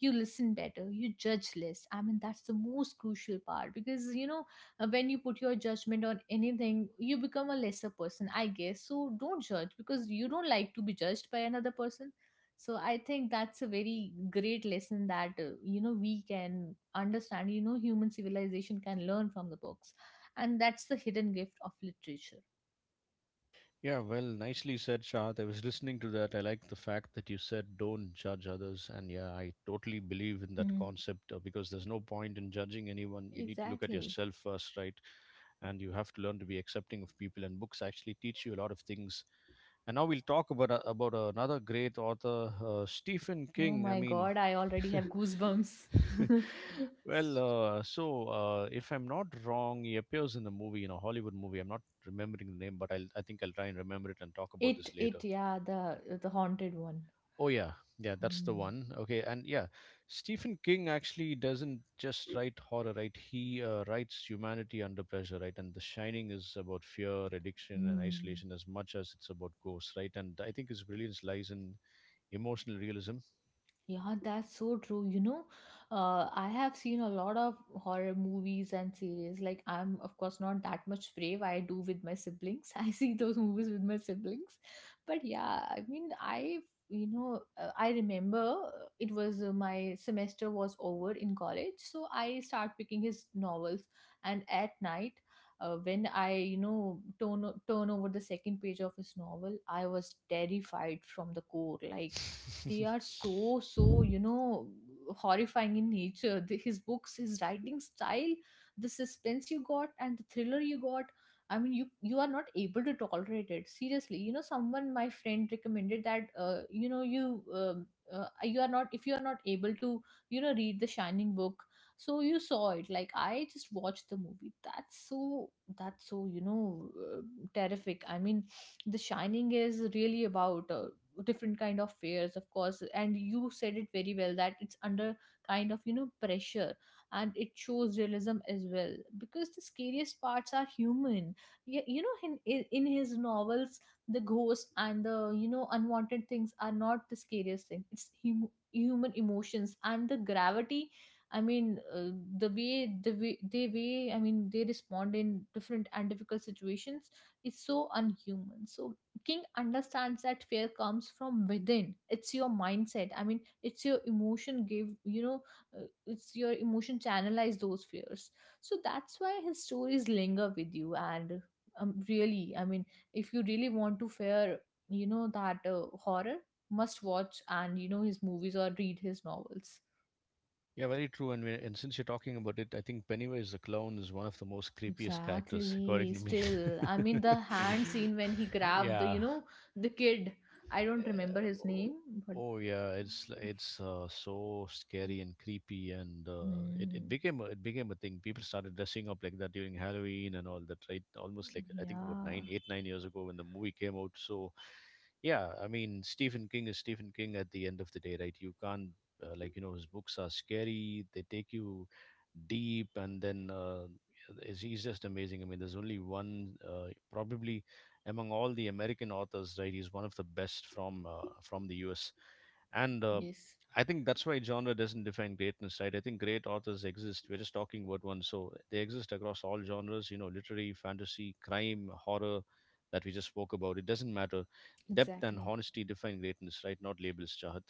B: you listen better, you judge less. I mean, that's the most crucial part because you know uh, when you put your judgment on anything, you become a lesser person, I guess. So don't judge, because you don't like to be judged by another person. So I think that's a very great lesson that uh, you know we can understand. You know, human civilization can learn from the books, and that's the hidden gift of literature.
A: Yeah, well, nicely said, Shad. I was listening to that. I like the fact that you said don't judge others. And yeah, I totally believe in that
B: Hmm.
A: concept uh, because there's no point in judging anyone. You need to look at
B: Exactly.
A: yourself first, right? And you have to learn to be accepting of people. And books actually teach you a lot of things. And now we'll talk about a, about another great author, uh, Stephen
B: Oh
A: King. I
B: my
A: mean,
B: God, I already have goosebumps.
A: well, uh, so uh, if I'm not wrong, he appears in a movie, in a Hollywood movie. I'm not remembering the name, but I'll, I think I'll try and remember it and talk about
B: it
A: this later.
B: it yeah, the the haunted one.
A: Oh yeah, yeah, that's the
B: Hmm.
A: one. Okay, and yeah, Stephen King actually doesn't just write horror, right? He uh, writes humanity under pressure, right? And The Shining is about fear, addiction, and
B: Hmm.
A: isolation as much as it's about ghosts, right? And I think his brilliance lies in emotional realism.
B: Yeah, that's so true. You know, uh, I have seen a lot of horror movies and series. Like, I'm, of course, not that much brave. I do with my siblings. I see those movies with my siblings. But yeah, I mean, I, you know, uh, I remember, it was uh, my semester was over in college. So I start picking his novels. And at night, uh, when I, you know, turn, turn over the second page of his novel, I was terrified from the core. Like, they are so so you know horrifying in nature. the, his books, his writing style, the suspense you got and the thriller you got. I mean, you you are not able to tolerate it seriously. You know, someone my friend recommended that uh, you know you um, uh, you are not if you are not able to you know read the Shining book, so you saw it. Like, I just watched the movie. That's so that's so you know uh, terrific. I mean, the Shining is really about uh, different kind of fears, of course. And you said it very well that it's under kind of you know pressure, and it shows realism as well because the scariest parts are human. Yeah, you know, in in in his novels, the ghosts and the you know unwanted things are not the scariest thing. It's hum- human emotions and the gravity. I mean, uh, the way the way they way I mean they respond in different and difficult situations is so unhuman. So King understands that fear comes from within. It's your mindset. I mean, it's your emotion give, you know, uh, it's your emotion channelize those fears. So that's why his stories linger with you. And um, really, I mean, if you really want to fear, you know, that uh, horror, must watch and, you know, his movies or read his novels.
A: yeah, very true. And we, and since you're talking about it, I think Pennywise the clown is one of the most creepiest characters, according
B: Exactly.
A: to me.
B: Still, I mean, the hand scene when he grabbed the,
A: yeah,
B: you know, the kid. I don't
A: Eh,
B: remember his
A: o-
B: name, but
A: oh yeah, it's li- it's uh, so scary and creepy, and uh, it it
B: Hmm.
A: became a, it became a thing. People started dressing up like that during Halloween and all that, right? Almost like I think about
B: Yeah,
A: nine, eight, nine years ago when the movie came out. So, yeah, I mean Stephen King is Stephen King at the end of the day, right? You can't uh, like you know his books are scary. They take you deep, and then uh, yeah, he's he's just amazing. I mean, there's only one uh, probably among all the American authors, right? He's one of the best from uh, from the U S. And uh,
B: yes,
A: I think that's why genre doesn't define greatness, right? I think great authors exist. We're just talking about one, so they exist across all genres. You know, literary, fantasy, crime, horror, that we just spoke about. It doesn't matter. Depth and
B: exactly.
A: honesty define greatness, right? Not labels, Chahat.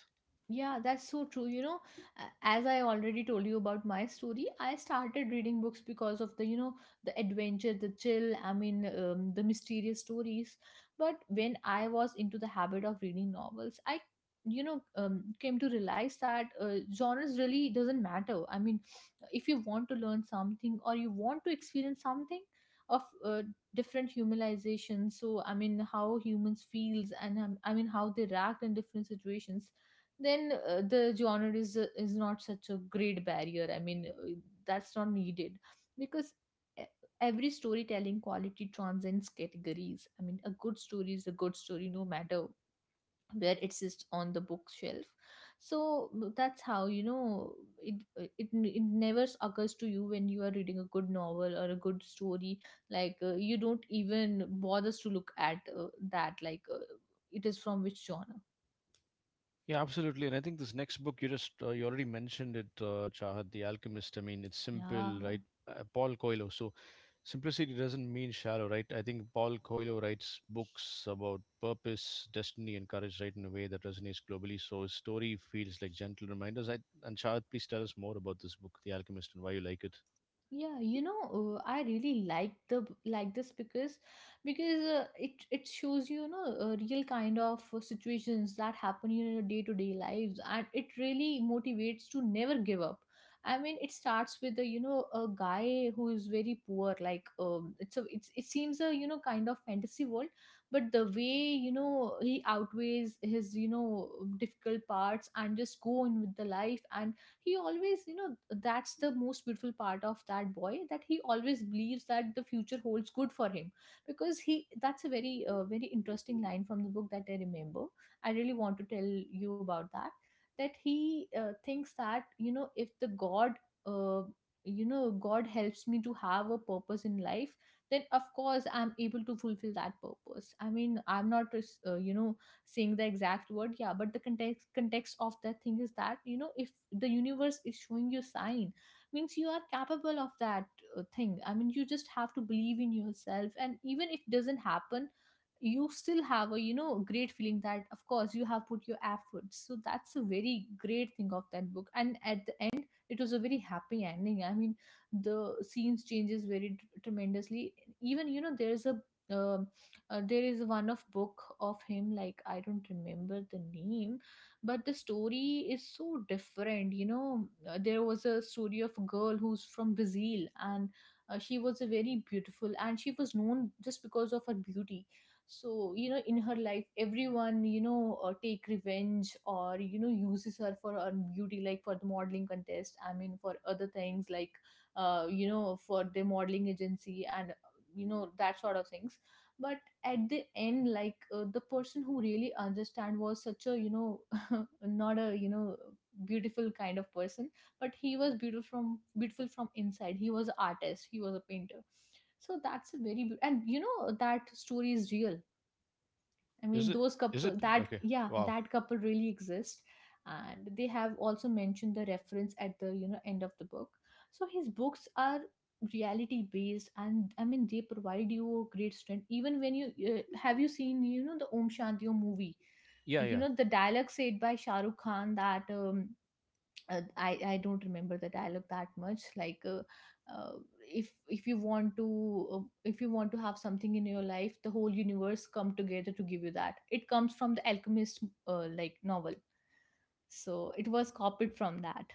B: Yeah, that's so true. You know, a- as I already told you about my story, I started reading books because of the, you know, the adventure, the chill. I mean, um, the mysterious stories. But when I was into the habit of reading novels, I, you know, um, came to realize that uh, genres really doesn't matter. I mean, if you want to learn something or you want to experience something of uh, different humanization, so I mean, how humans feels and, um, I mean, how they react in different situations, then uh, the genre is uh, is not such a great barrier. I mean, uh, that's not needed, because e- every storytelling quality transcends categories. I mean, a good story is a good story, no matter where it sits on the bookshelf. So uh, that's how you know it uh, it, it never occurs to you when you are reading a good novel or a good story, like uh, you don't even bothers to look at uh, that, like, uh, it is from which genre.
A: Yeah, absolutely. And I think this next book you just uh, you already mentioned it, uh, Chahat, The Alchemist. I mean, it's
B: Yeah,
A: simple, right? Uh, Paul Coelho. So simplicity doesn't mean shallow, right? I think Paul Coelho writes books about purpose, destiny, and courage, right, in a way that resonates globally. So his story feels like gentle reminders. I, and Chahat, please tell us more about this book, The Alchemist, and why you like it.
B: yeah, you know uh, I really like the like this, because, because uh, it it shows you, you know uh, real kind of uh, situations that happen in your day to day lives, and it really motivates to never give up. I mean, it starts with a, you know a guy who is very poor, like, um it's a it's, it seems a you know kind of fantasy world. But the way you know he outweighs his you know difficult parts and just go on with the life, and he always you know that's the most beautiful part of that boy, that he always believes that the future holds good for him, because he that's a very, uh, very interesting line from the book that I remember. I really want to tell you about that, that he uh, thinks that, you know if the god uh, you know god helps me to have a purpose in life, then of course I'm able to fulfill that purpose. I mean, I'm not, uh, you know saying the exact word, yeah, but the context context of that thing is that, you know if the universe is showing you sign, means you are capable of that uh, thing. I mean, you just have to believe in yourself, and even if it doesn't happen, you still have a, you know great feeling, that of course you have put your efforts. So that's a very great thing of that book, and at the end it was a very happy ending. I mean, the scenes changes very t- tremendously. Even, you know there's a, um uh, there is one of book of him, like, I don't remember the name, but the story is so different. You know, Uh, there was a story of a girl who's from Brazil and uh, she was a very beautiful, and she was known just because of her beauty. So you know in her life everyone, you know uh, take revenge or you know uses her for her beauty, like for the modeling contest, I mean for other things like uh, you know for the modeling agency and you know that sort of things. But at the end, like uh, the person who really understand was such a you know not a you know beautiful kind of person, but he was beautiful from beautiful from inside. He was an artist, he was a painter. So that's a very beau- and you know that story is real. I mean,
A: Is it?
B: those
A: Is
B: couple
A: it?
B: that,
A: Okay.
B: yeah,
A: Wow.
B: that couple really exist, and they have also mentioned the reference at the you know end of the book. So his books are reality based, and I mean they provide you a great strength. Even when you uh, have you seen you know the Om Shanti Om movie,
A: Yeah.
B: you
A: Yeah.
B: know the dialogue said by Shah Rukh Khan that um, uh, I, I don't remember the dialogue that much, like uh, uh, if if you want to uh, if you want to have something in your life, the whole universe come together to give you that. It comes from the Alchemist, uh, like novel. So it was copied from that.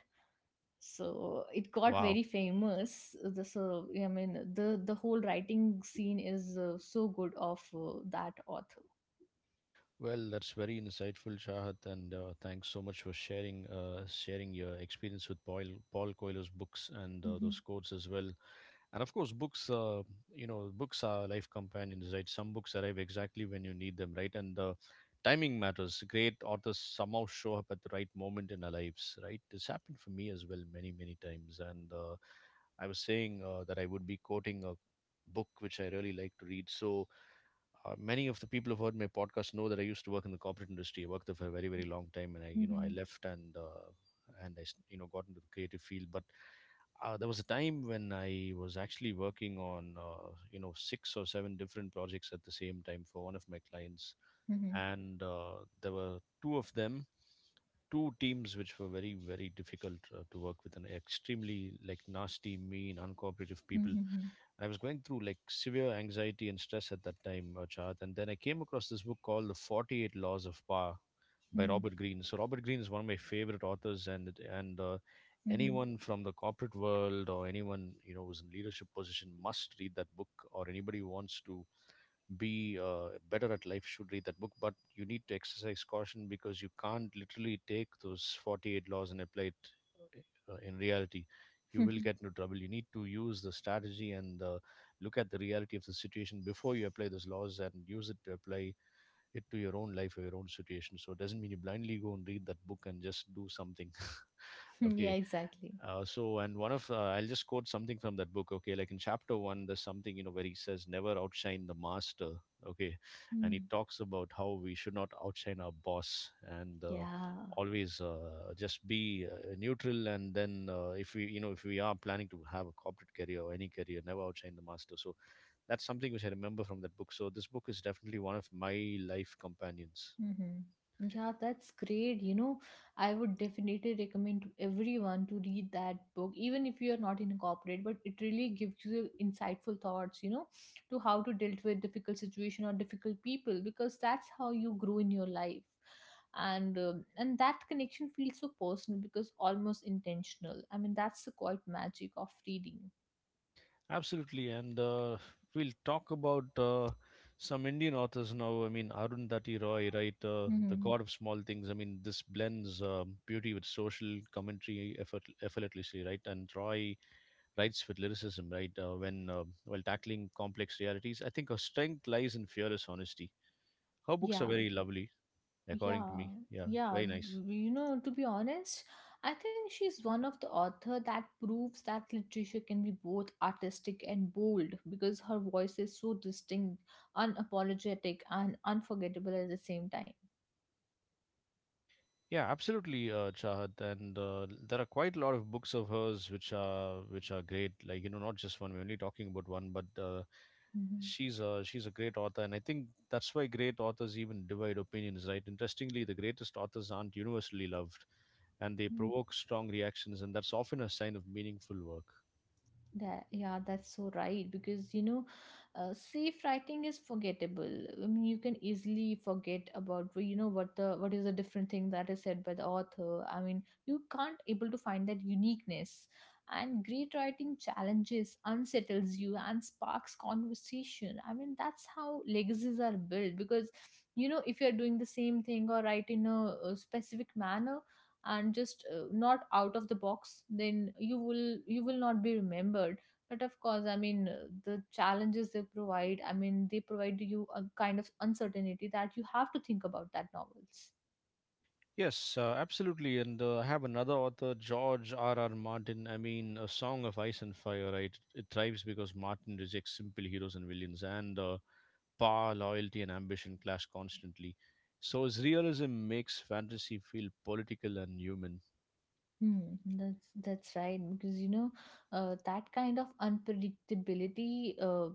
B: So it got
A: Wow.
B: very famous. The, so I mean the the whole writing scene is uh, so good of uh, that author.
A: Well, that's very insightful, Shahat, and uh, thanks so much for sharing uh, sharing your experience with Paul Paul Coelho's books and uh,
B: Mhm,
A: those quotes as well. And of course, books, uh, you know, books are life companions, right? Some books arrive exactly when you need them, right? And uh, timing matters. Great authors somehow show up at the right moment in our lives, right? This happened for me as well many many times, and uh, I was saying uh, that I would be quoting a book which I really like to read, so uh, many of the people who've heard my podcast know that I used to work in the corporate industry. I worked there for a very, very long time, and I, you know, I
B: mhm,
A: left and uh, and I, s- you know, got into the creative field. But uh, there was a time when I was actually working on, uh, you know, six or seven different projects at the same time for one of my clients,
B: mhm,
A: and uh, there were two of them, two teams which were very, very difficult uh, to work with, and extremely like nasty, mean, uncooperative people.
B: mhm,
A: I was going through like severe anxiety and stress at that time, uh, Chad. And then I came across this book called The forty-eight Laws of Power by
B: mhm,
A: Robert Greene. So Robert Greene is one of my favorite authors, and it- and uh,
B: mhm,
A: anyone from the corporate world or anyone you know who's in leadership position must read that book, or anybody who wants to be uh, better at life should read that book. But you need to exercise caution, because you can't literally take those forty-eight laws and apply it uh, in reality. You will
B: mhm.
A: get into trouble. You need to use the strategy, and uh, look at the reality of the situation before you apply those laws and use it to apply it to your own life or your own situation. So it doesn't mean you blindly go and read that book and just do something.
B: Yeah,
A: okay,
B: exactly.
A: uh, so, and one of, uh, I'll just quote something from that book, okay? Like in chapter one, there's something, you know, where he says, never outshine the master, okay? And he talks about how we should not outshine our boss and uh,
B: Yeah.
A: always uh, just be uh, neutral. And then uh, if we, you know, if we are planning to have a corporate career or any career, never outshine the master. So that's something which I remember from that book. So this book is definitely one of my life companions.
B: Hmm. Yeah, that's great. You know, I would definitely recommend to everyone to read that book, even if you are not in a corporate, but it really gives you insightful thoughts, you know, to how to deal with difficult situation or difficult people, because that's how you grow in your life. And um, and that connection feels so personal because almost intentional. I mean, that's the quite magic of reading.
A: Absolutely, and uh, we'll talk about uh, some Indian authors now. I mean, Arundhati Roy, right? Uh, the
B: Hmm.
A: God of Small Things. I mean, this blends um, beauty with social commentary effort, effortlessly, right? And Roy writes with lyricism, right? Uh, when uh, While tackling complex realities, I think her strength lies in fearless honesty. Her books are
B: Yeah.
A: very lovely, according to
B: Yeah,
A: me. Yeah,
B: yeah.
A: very nice.
B: You know, to be honest, I think she's one of the author that proves that literature can be both artistic and bold because her voice is so distinct, unapologetic, and unforgettable at the same time.
A: Yeah, absolutely, uh, Chahat, and uh, there are quite a lot of books of hers which are which are great. Like you know, not just one. We're only talking about one, but uh,
B: Mhm.
A: she's a she's a great author, and I think that's why great authors even divide opinions, right? Interestingly, the greatest authors aren't universally loved, and they
B: Mm.
A: provoke strong reactions, and that's often a sign of meaningful work.
B: That, yeah, that's so right because you know, uh, safe writing is forgettable. I mean, you can easily forget about you know what the, what is the different thing that is said by the author. I mean, you can't able to find that uniqueness. And great writing challenges, unsettles you, and sparks conversation. I mean, that's how legacies are built because you know if you are doing the same thing or write in a, a specific manner and just uh, not out of the box, then you will, you will not be remembered. But of course, I mean uh, the challenges they provide, I mean they provide you a kind of uncertainty that you have to think about, that novels.
A: Yes, uh, absolutely. And uh, I have another author, George R. R. Martin. I mean, A Song of Ice and Fire, right? It thrives because Martin rejects simple heroes and villains. And uh, Power, loyalty, and ambition clash constantly. So his realism makes fantasy feel political and human.
B: Hmm, that's that's right, because you know uh, that kind of unpredictability uh,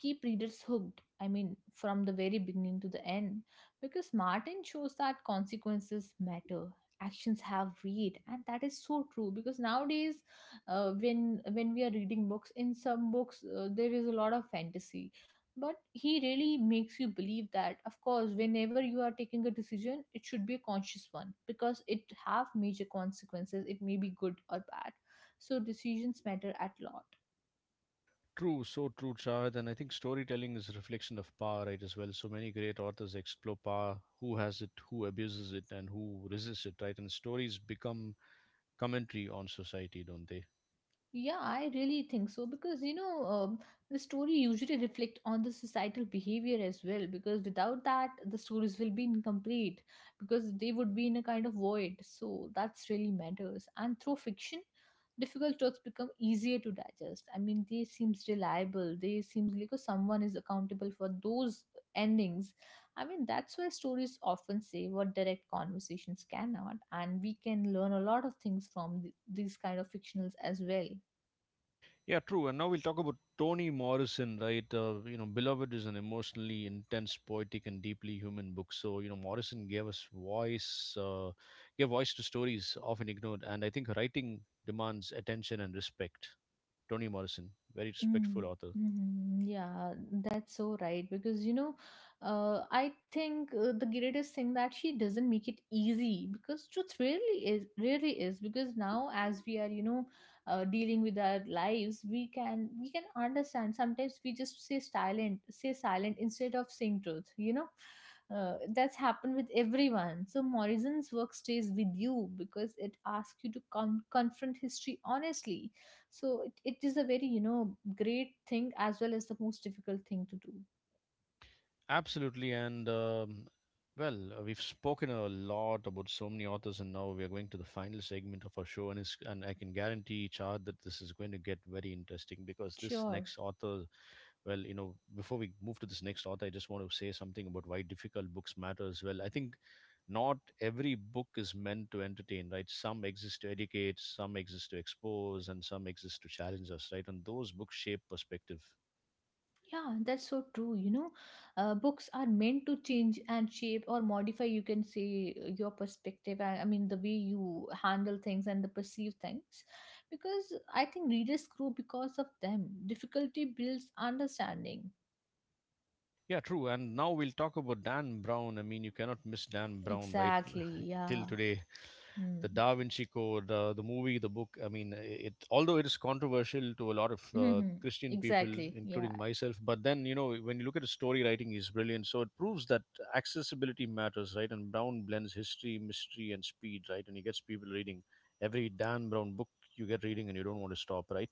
B: keep readers hooked. I mean, from the very beginning to the end, because Martin shows that consequences matter, actions have weight, and that is so true. Because nowadays, uh, when when we are reading books, in some books uh, there is a lot of fantasy, but he really makes you believe that of course whenever you are taking a decision, it should be a conscious one because it have major consequences, it may be good or bad. So decisions matter at lot.
A: True, so true, Chahat. And I think storytelling is a reflection of power, right, as well. So many great authors explore power, who has it, who abuses it, and who resists it, right? And stories become commentary on society, don't they?
B: Yeah, I really think so because you know um, the story usually reflect on the societal behavior as well, because without that the stories will be incomplete, because they would be in a kind of void. So that's really matters. And through fiction, difficult truths become easier to digest. I mean, they seems reliable. They seems like uh, someone is accountable for those endings. I mean, that's why stories often say what direct conversations cannot, and we can learn a lot of things from th- these kind of fictionals as well.
A: Yeah, true. And now we'll talk about Toni Morrison, right? Uh, you know, Beloved is an emotionally intense, poetic, and deeply human book. So, you know, Morrison gave us voice, uh, gave voice to stories often ignored. And I think her writing demands attention and respect. Toni Morrison, very
B: Mm,
A: respectful author.
B: mhm. Yeah, that's so right. Because, you know, uh, I think uh, the greatest thing that she doesn't make it easy because truth really is, really is. Because now, as we are, you know, uh, dealing with our lives, we can, we can understand. Sometimes we just say silent, say silent instead of saying truth. You know, uh, that's happened with everyone. So Morrison's work stays with you because it asks you to con confront history honestly. So it, it is a very, you know, great thing as well as the most difficult thing to do.
A: Absolutely. And, um, well, uh, we've spoken a lot about so many authors, and now we are going to the final segment of our show. And, it's, and I can guarantee, Chad, that this is going to get very interesting because this
B: Sure.
A: next author, well, you know, before we move to this next author, I just want to say something about why difficult books matter as well. I think not every book is meant to entertain, right? Some exist to educate, some exist to expose, and some exist to challenge us, right? And those books shape perspective.
B: Yeah, that's so true. You know, uh, books are meant to change and shape or modify, you can say, uh, your perspective. I, I mean, the way you handle things and the perceive things. Because I think readers grow because of them. Difficulty builds understanding.
A: Yeah, true. And now we'll talk about Dan Brown. I mean, you cannot miss Dan Brown, right?
B: Exactly. Yeah.
A: Till today,
B: Hmm.
A: the Da Vinci Code, uh, the movie, the book. I mean, it, although it is controversial to a lot of uh, Christian people,
B: Exactly. Yeah.
A: including myself. But then you know, when you look at his story writing, he's brilliant. So it proves that accessibility matters, right? And Brown blends history, mystery, and speed, right? And he gets people reading every Dan Brown book you get reading, and you don't want to stop, right?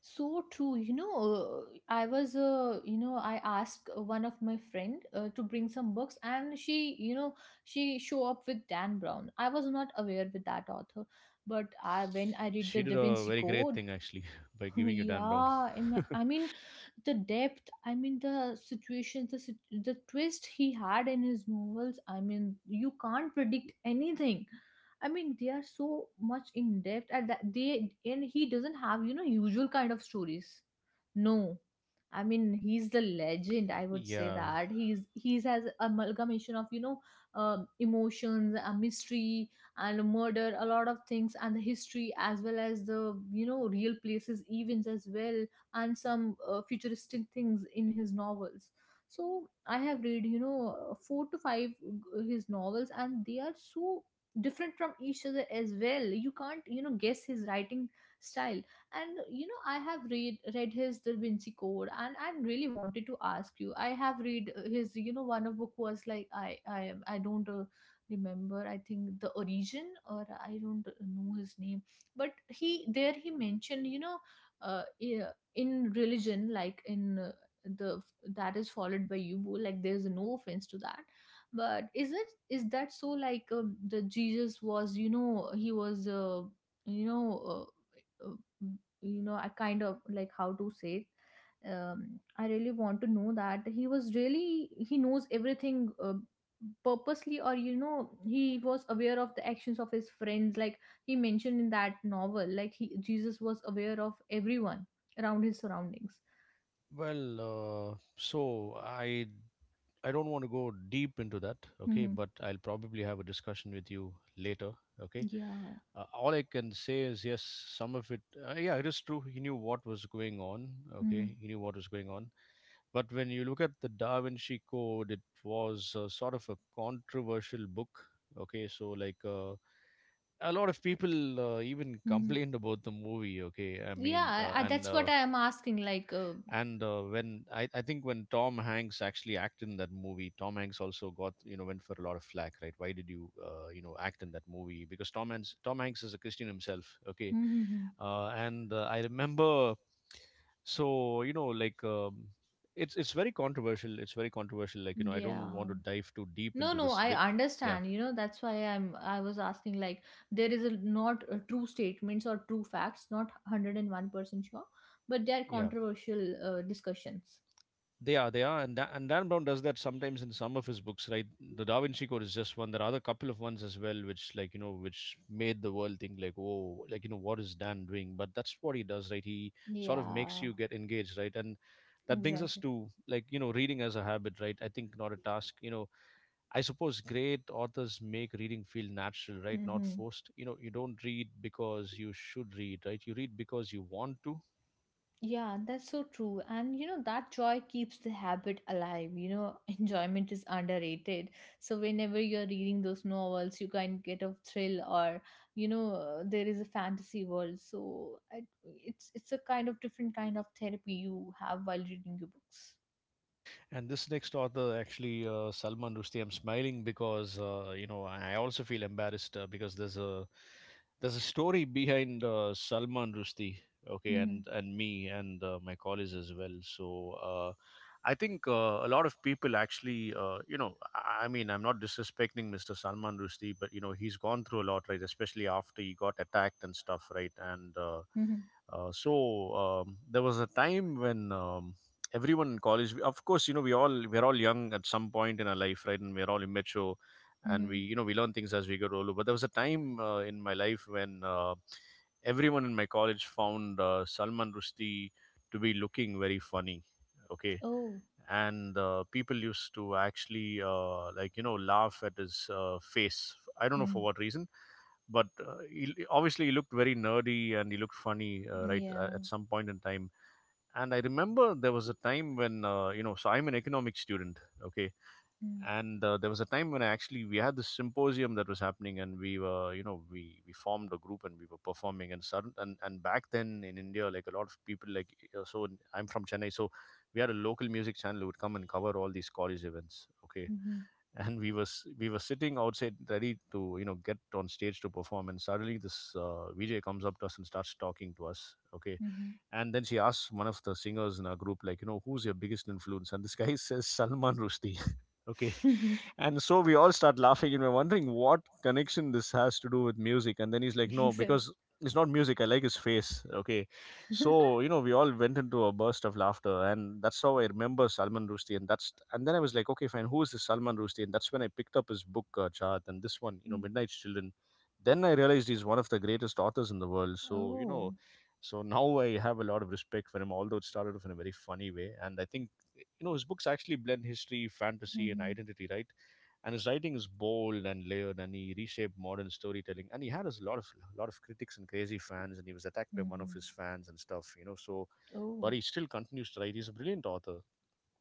B: So true. You know, uh, i was uh, you know I asked one of my friend uh, to bring some books, and she, you know, she show up with Dan Brown. I was not aware with that author, but I, when I read the
A: She did
B: Da
A: a
B: Vinci
A: very great
B: Code,
A: thing actually by giving you Dan Brown.
B: yeah, I'm- I mean, the depth, I mean, the situations, the, sit- the twist he had in his novels, I mean, you can't predict anything. I mean, they are so much in depth, and that they, and he doesn't have you know usual kind of stories. No, I mean he's the legend. I would say
A: Yeah.
B: that he's he's has amalgamation of you know um emotions, a mystery, and murder, a lot of things, and the history, as well as the you know real places, events as well, and some uh, futuristic things in his novels. So I have read you know four to five uh, his novels, and they are so different from each other as well. You can't, you know, guess his writing style. And you know I have read read his Da Vinci Code, and I really wanted to ask you. I have read uh, his, you know, one of book was like i i i don't uh, remember. I think the Origin, or I don't know his name. But he there he mentioned, you know, uh, yeah, in religion, like in uh, the that is followed by you, like there's no offense to that. But is it, is that so, like um, the Jesus was, you know, he was uh, you know uh, uh, you know I kind of like how to say it. um, I really want to know that he was really, he knows everything uh, purposely, or you know he was aware of the actions of his friends. Like he mentioned in that novel, like he, Jesus was aware of everyone around his surroundings.
A: Well, uh, so I I don't want to go deep into that, okay?
B: Hmm.
A: But I'll probably have a discussion with you later, okay?
B: Yeah.
A: Uh, all I can say is yes, some of it, uh, yeah, it is true. He knew what was going on, okay?
B: Hmm.
A: He knew what was going on. But when you look at the Da Vinci Code, it was uh, sort of a controversial book, okay? So, like, uh, a lot of people uh, even
B: Hmm.
A: complained about the movie, okay? I
B: Yeah,
A: mean, uh,
B: I, I-
A: and
B: that's what
A: uh,
B: I am asking, like uh,
A: and uh, when I, I think when Tom Hanks actually acted in that movie, Tom Hanks also got, you know, went for a lot of flack, right? Why did you uh, you know act in that movie? Because tom hanks tom hanks is a Christian himself, okay?
B: hmm.
A: uh, and uh, I remember, so you know like um, it's it's very controversial it's very controversial, like you know, I don't
B: Yeah.
A: want to dive too deep
B: No,
A: into
B: no,
A: this
B: I
A: bit. Yeah.
B: understand. You know, that's why i'm I was asking, like there is a not uh, true statements or true facts, not one hundred one percent sure, but they are
A: Yeah.
B: controversial uh, discussions.
A: They are, they are, and, Da- and Dan Brown does that sometimes in some of his books, right? The Da Vinci Code is just one. There are other couple of ones as well, which like you know, which made the world think, like, oh, like you know, what is Dan doing? But that's what he does, right? He sort of makes
B: Yeah.
A: you get engaged, right? And that brings us
B: Exactly.
A: to like you know, reading as a habit, right? I think not a task. You know, I suppose great authors make reading feel natural, right? Not
B: Hmm.
A: forced. You know, you don't read because you should read, right? You read because you want to.
B: Yeah, that's so true. And you know, that joy keeps the habit alive. You know, enjoyment is underrated. So, whenever you're reading those novels, you can get a thrill, or you know, uh, there is a fantasy world. So, I, it's it's a kind of different kind of therapy you have while reading your books.
A: And this next author, actually, uh, Salman Rushdie, I'm smiling because uh, you know I I also feel embarrassed uh, because there's a there's a story behind uh, Salman Rushdie, okay,
B: Hmm.
A: and and me and uh, my colleagues as well. So uh, I think uh, a lot of people actually, uh, you know, I I mean, I'm not disrespecting mister Salman Rushdie, but you know, he's gone through a lot, right? Especially after he got attacked and stuff, right? And uh,
B: Hmm.
A: uh, so um, There was a time when. Um, everyone in college, we- of course you know we all we're all young at some point in our life, right? And we're all immature, and we,
B: Hmm.
A: you know, we learn things as we get older. But there was a time uh, in my life when uh, everyone in my college found uh, Salman Rushdie to be looking very funny, okay.
B: Oh,
A: and uh, people used to actually uh, like you know laugh at his uh, face, I don't know
B: mm,
A: for what reason. But uh, he, obviously he looked very nerdy and he looked funny, uh, right, uh,
B: yeah.
A: at some point in time. And I remember there was a time when uh, you know, so I'm an economics student, okay. And uh, there was a time when I actually, we had this symposium that was happening and we were, you know, we we formed a group and we were performing and sudden and, and back then in India, like a lot of people, like, uh, so in- I'm from Chennai, so we had a local music channel who would come and cover all these college events, okay.
B: Mm-hmm.
A: And we was we were sitting outside ready to, you know, get on stage to perform, and suddenly this uh, VJ comes up to us and starts talking to us, okay.
B: Hmm.
A: And then she asks one of the singers in our group, like, you know, who's your biggest influence? And this guy says Salman Rushdie. Okay. And so we all start laughing and we're wondering what connection this has to do with music. And then he's like, no,
B: Exactly.
A: because it's not music. I like his face. Okay. So, you know, we all went into a burst of laughter. And that's how I remember Salman Rushdie. And that's, and then I was like, okay, fine, who is this Salman Rushdie? And that's when I picked up his book, uh, Chart, and this one, you know,
B: Mm.
A: Midnight Children. Then I realized he's one of the greatest authors in the world. So, you
B: Oh.
A: know, so now I have a lot of respect for him, although it started off in a very funny way. And I think, eh, you know, his books actually blend history, fantasy, and
B: Mhm,
A: identity, right? And his writing is bold and layered, and he reshaped modern storytelling. And he had a lot of lot of critics and crazy fans, and he was attacked by one of
B: mhm.
A: his fans and stuff, you know. So, but
B: Oh,
A: he still continues to write. He's a brilliant author.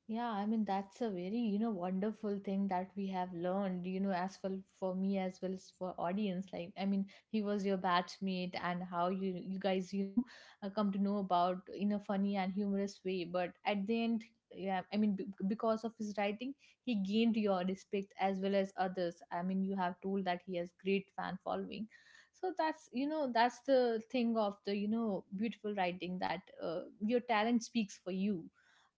B: yeah, I mean that's a very, you know, wonderful thing that we have learned, you know, as well for me as well as for audience. Like, I mean, he was your batchmate, and how you, you guys, you know, uh, come to know about in a funny and humorous way. But at the end, yeah, I mean, b- because of his writing, he gained your respect as well as others. I mean, you have told that he has great fan following, so that's you know that's the thing of the you know beautiful writing, that uh, your talent speaks for you.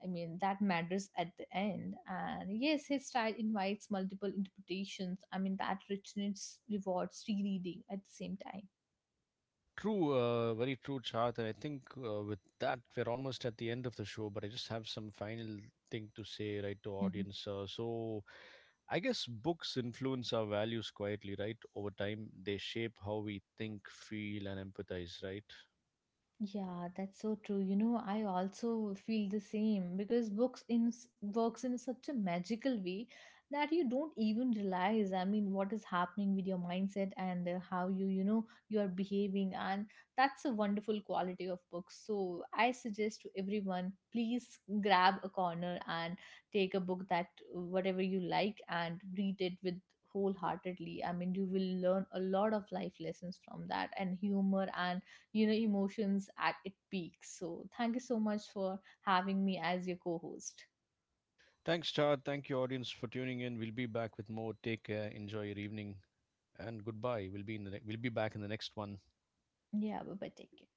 B: I mean, that matters at the end. And yes, his style invites multiple interpretations. I mean, that richness rewards rereading at the same time.
A: True, uh, very true, Chart. And I think uh, with that, we're almost at the end of the show. But I just have some final thing to say, right, to audience. Uh, so I guess books influence our values quietly, right? Over time, they shape how we think, feel, and empathize, right?
B: Yeah, that's so true. You know, I also feel the same because books in works in such a magical way that you don't even realize, I mean, what is happening with your mindset and uh, how you, you know, you are behaving. And that's a wonderful quality of books. So I suggest to everyone, please grab a corner and take a book that uh, whatever you like and read it with wholeheartedly. I mean, you will learn a lot of life lessons from that, and humor and you know emotions at its peak. So thank you so much for having me as your co-host.
A: Thanks, Chad. Thank you, audience, for tuning in. We'll be back with more. Take care. Enjoy your evening, and goodbye. We'll be in the ne- we'll be back in the next one.
B: Yeah, bye bye, take care.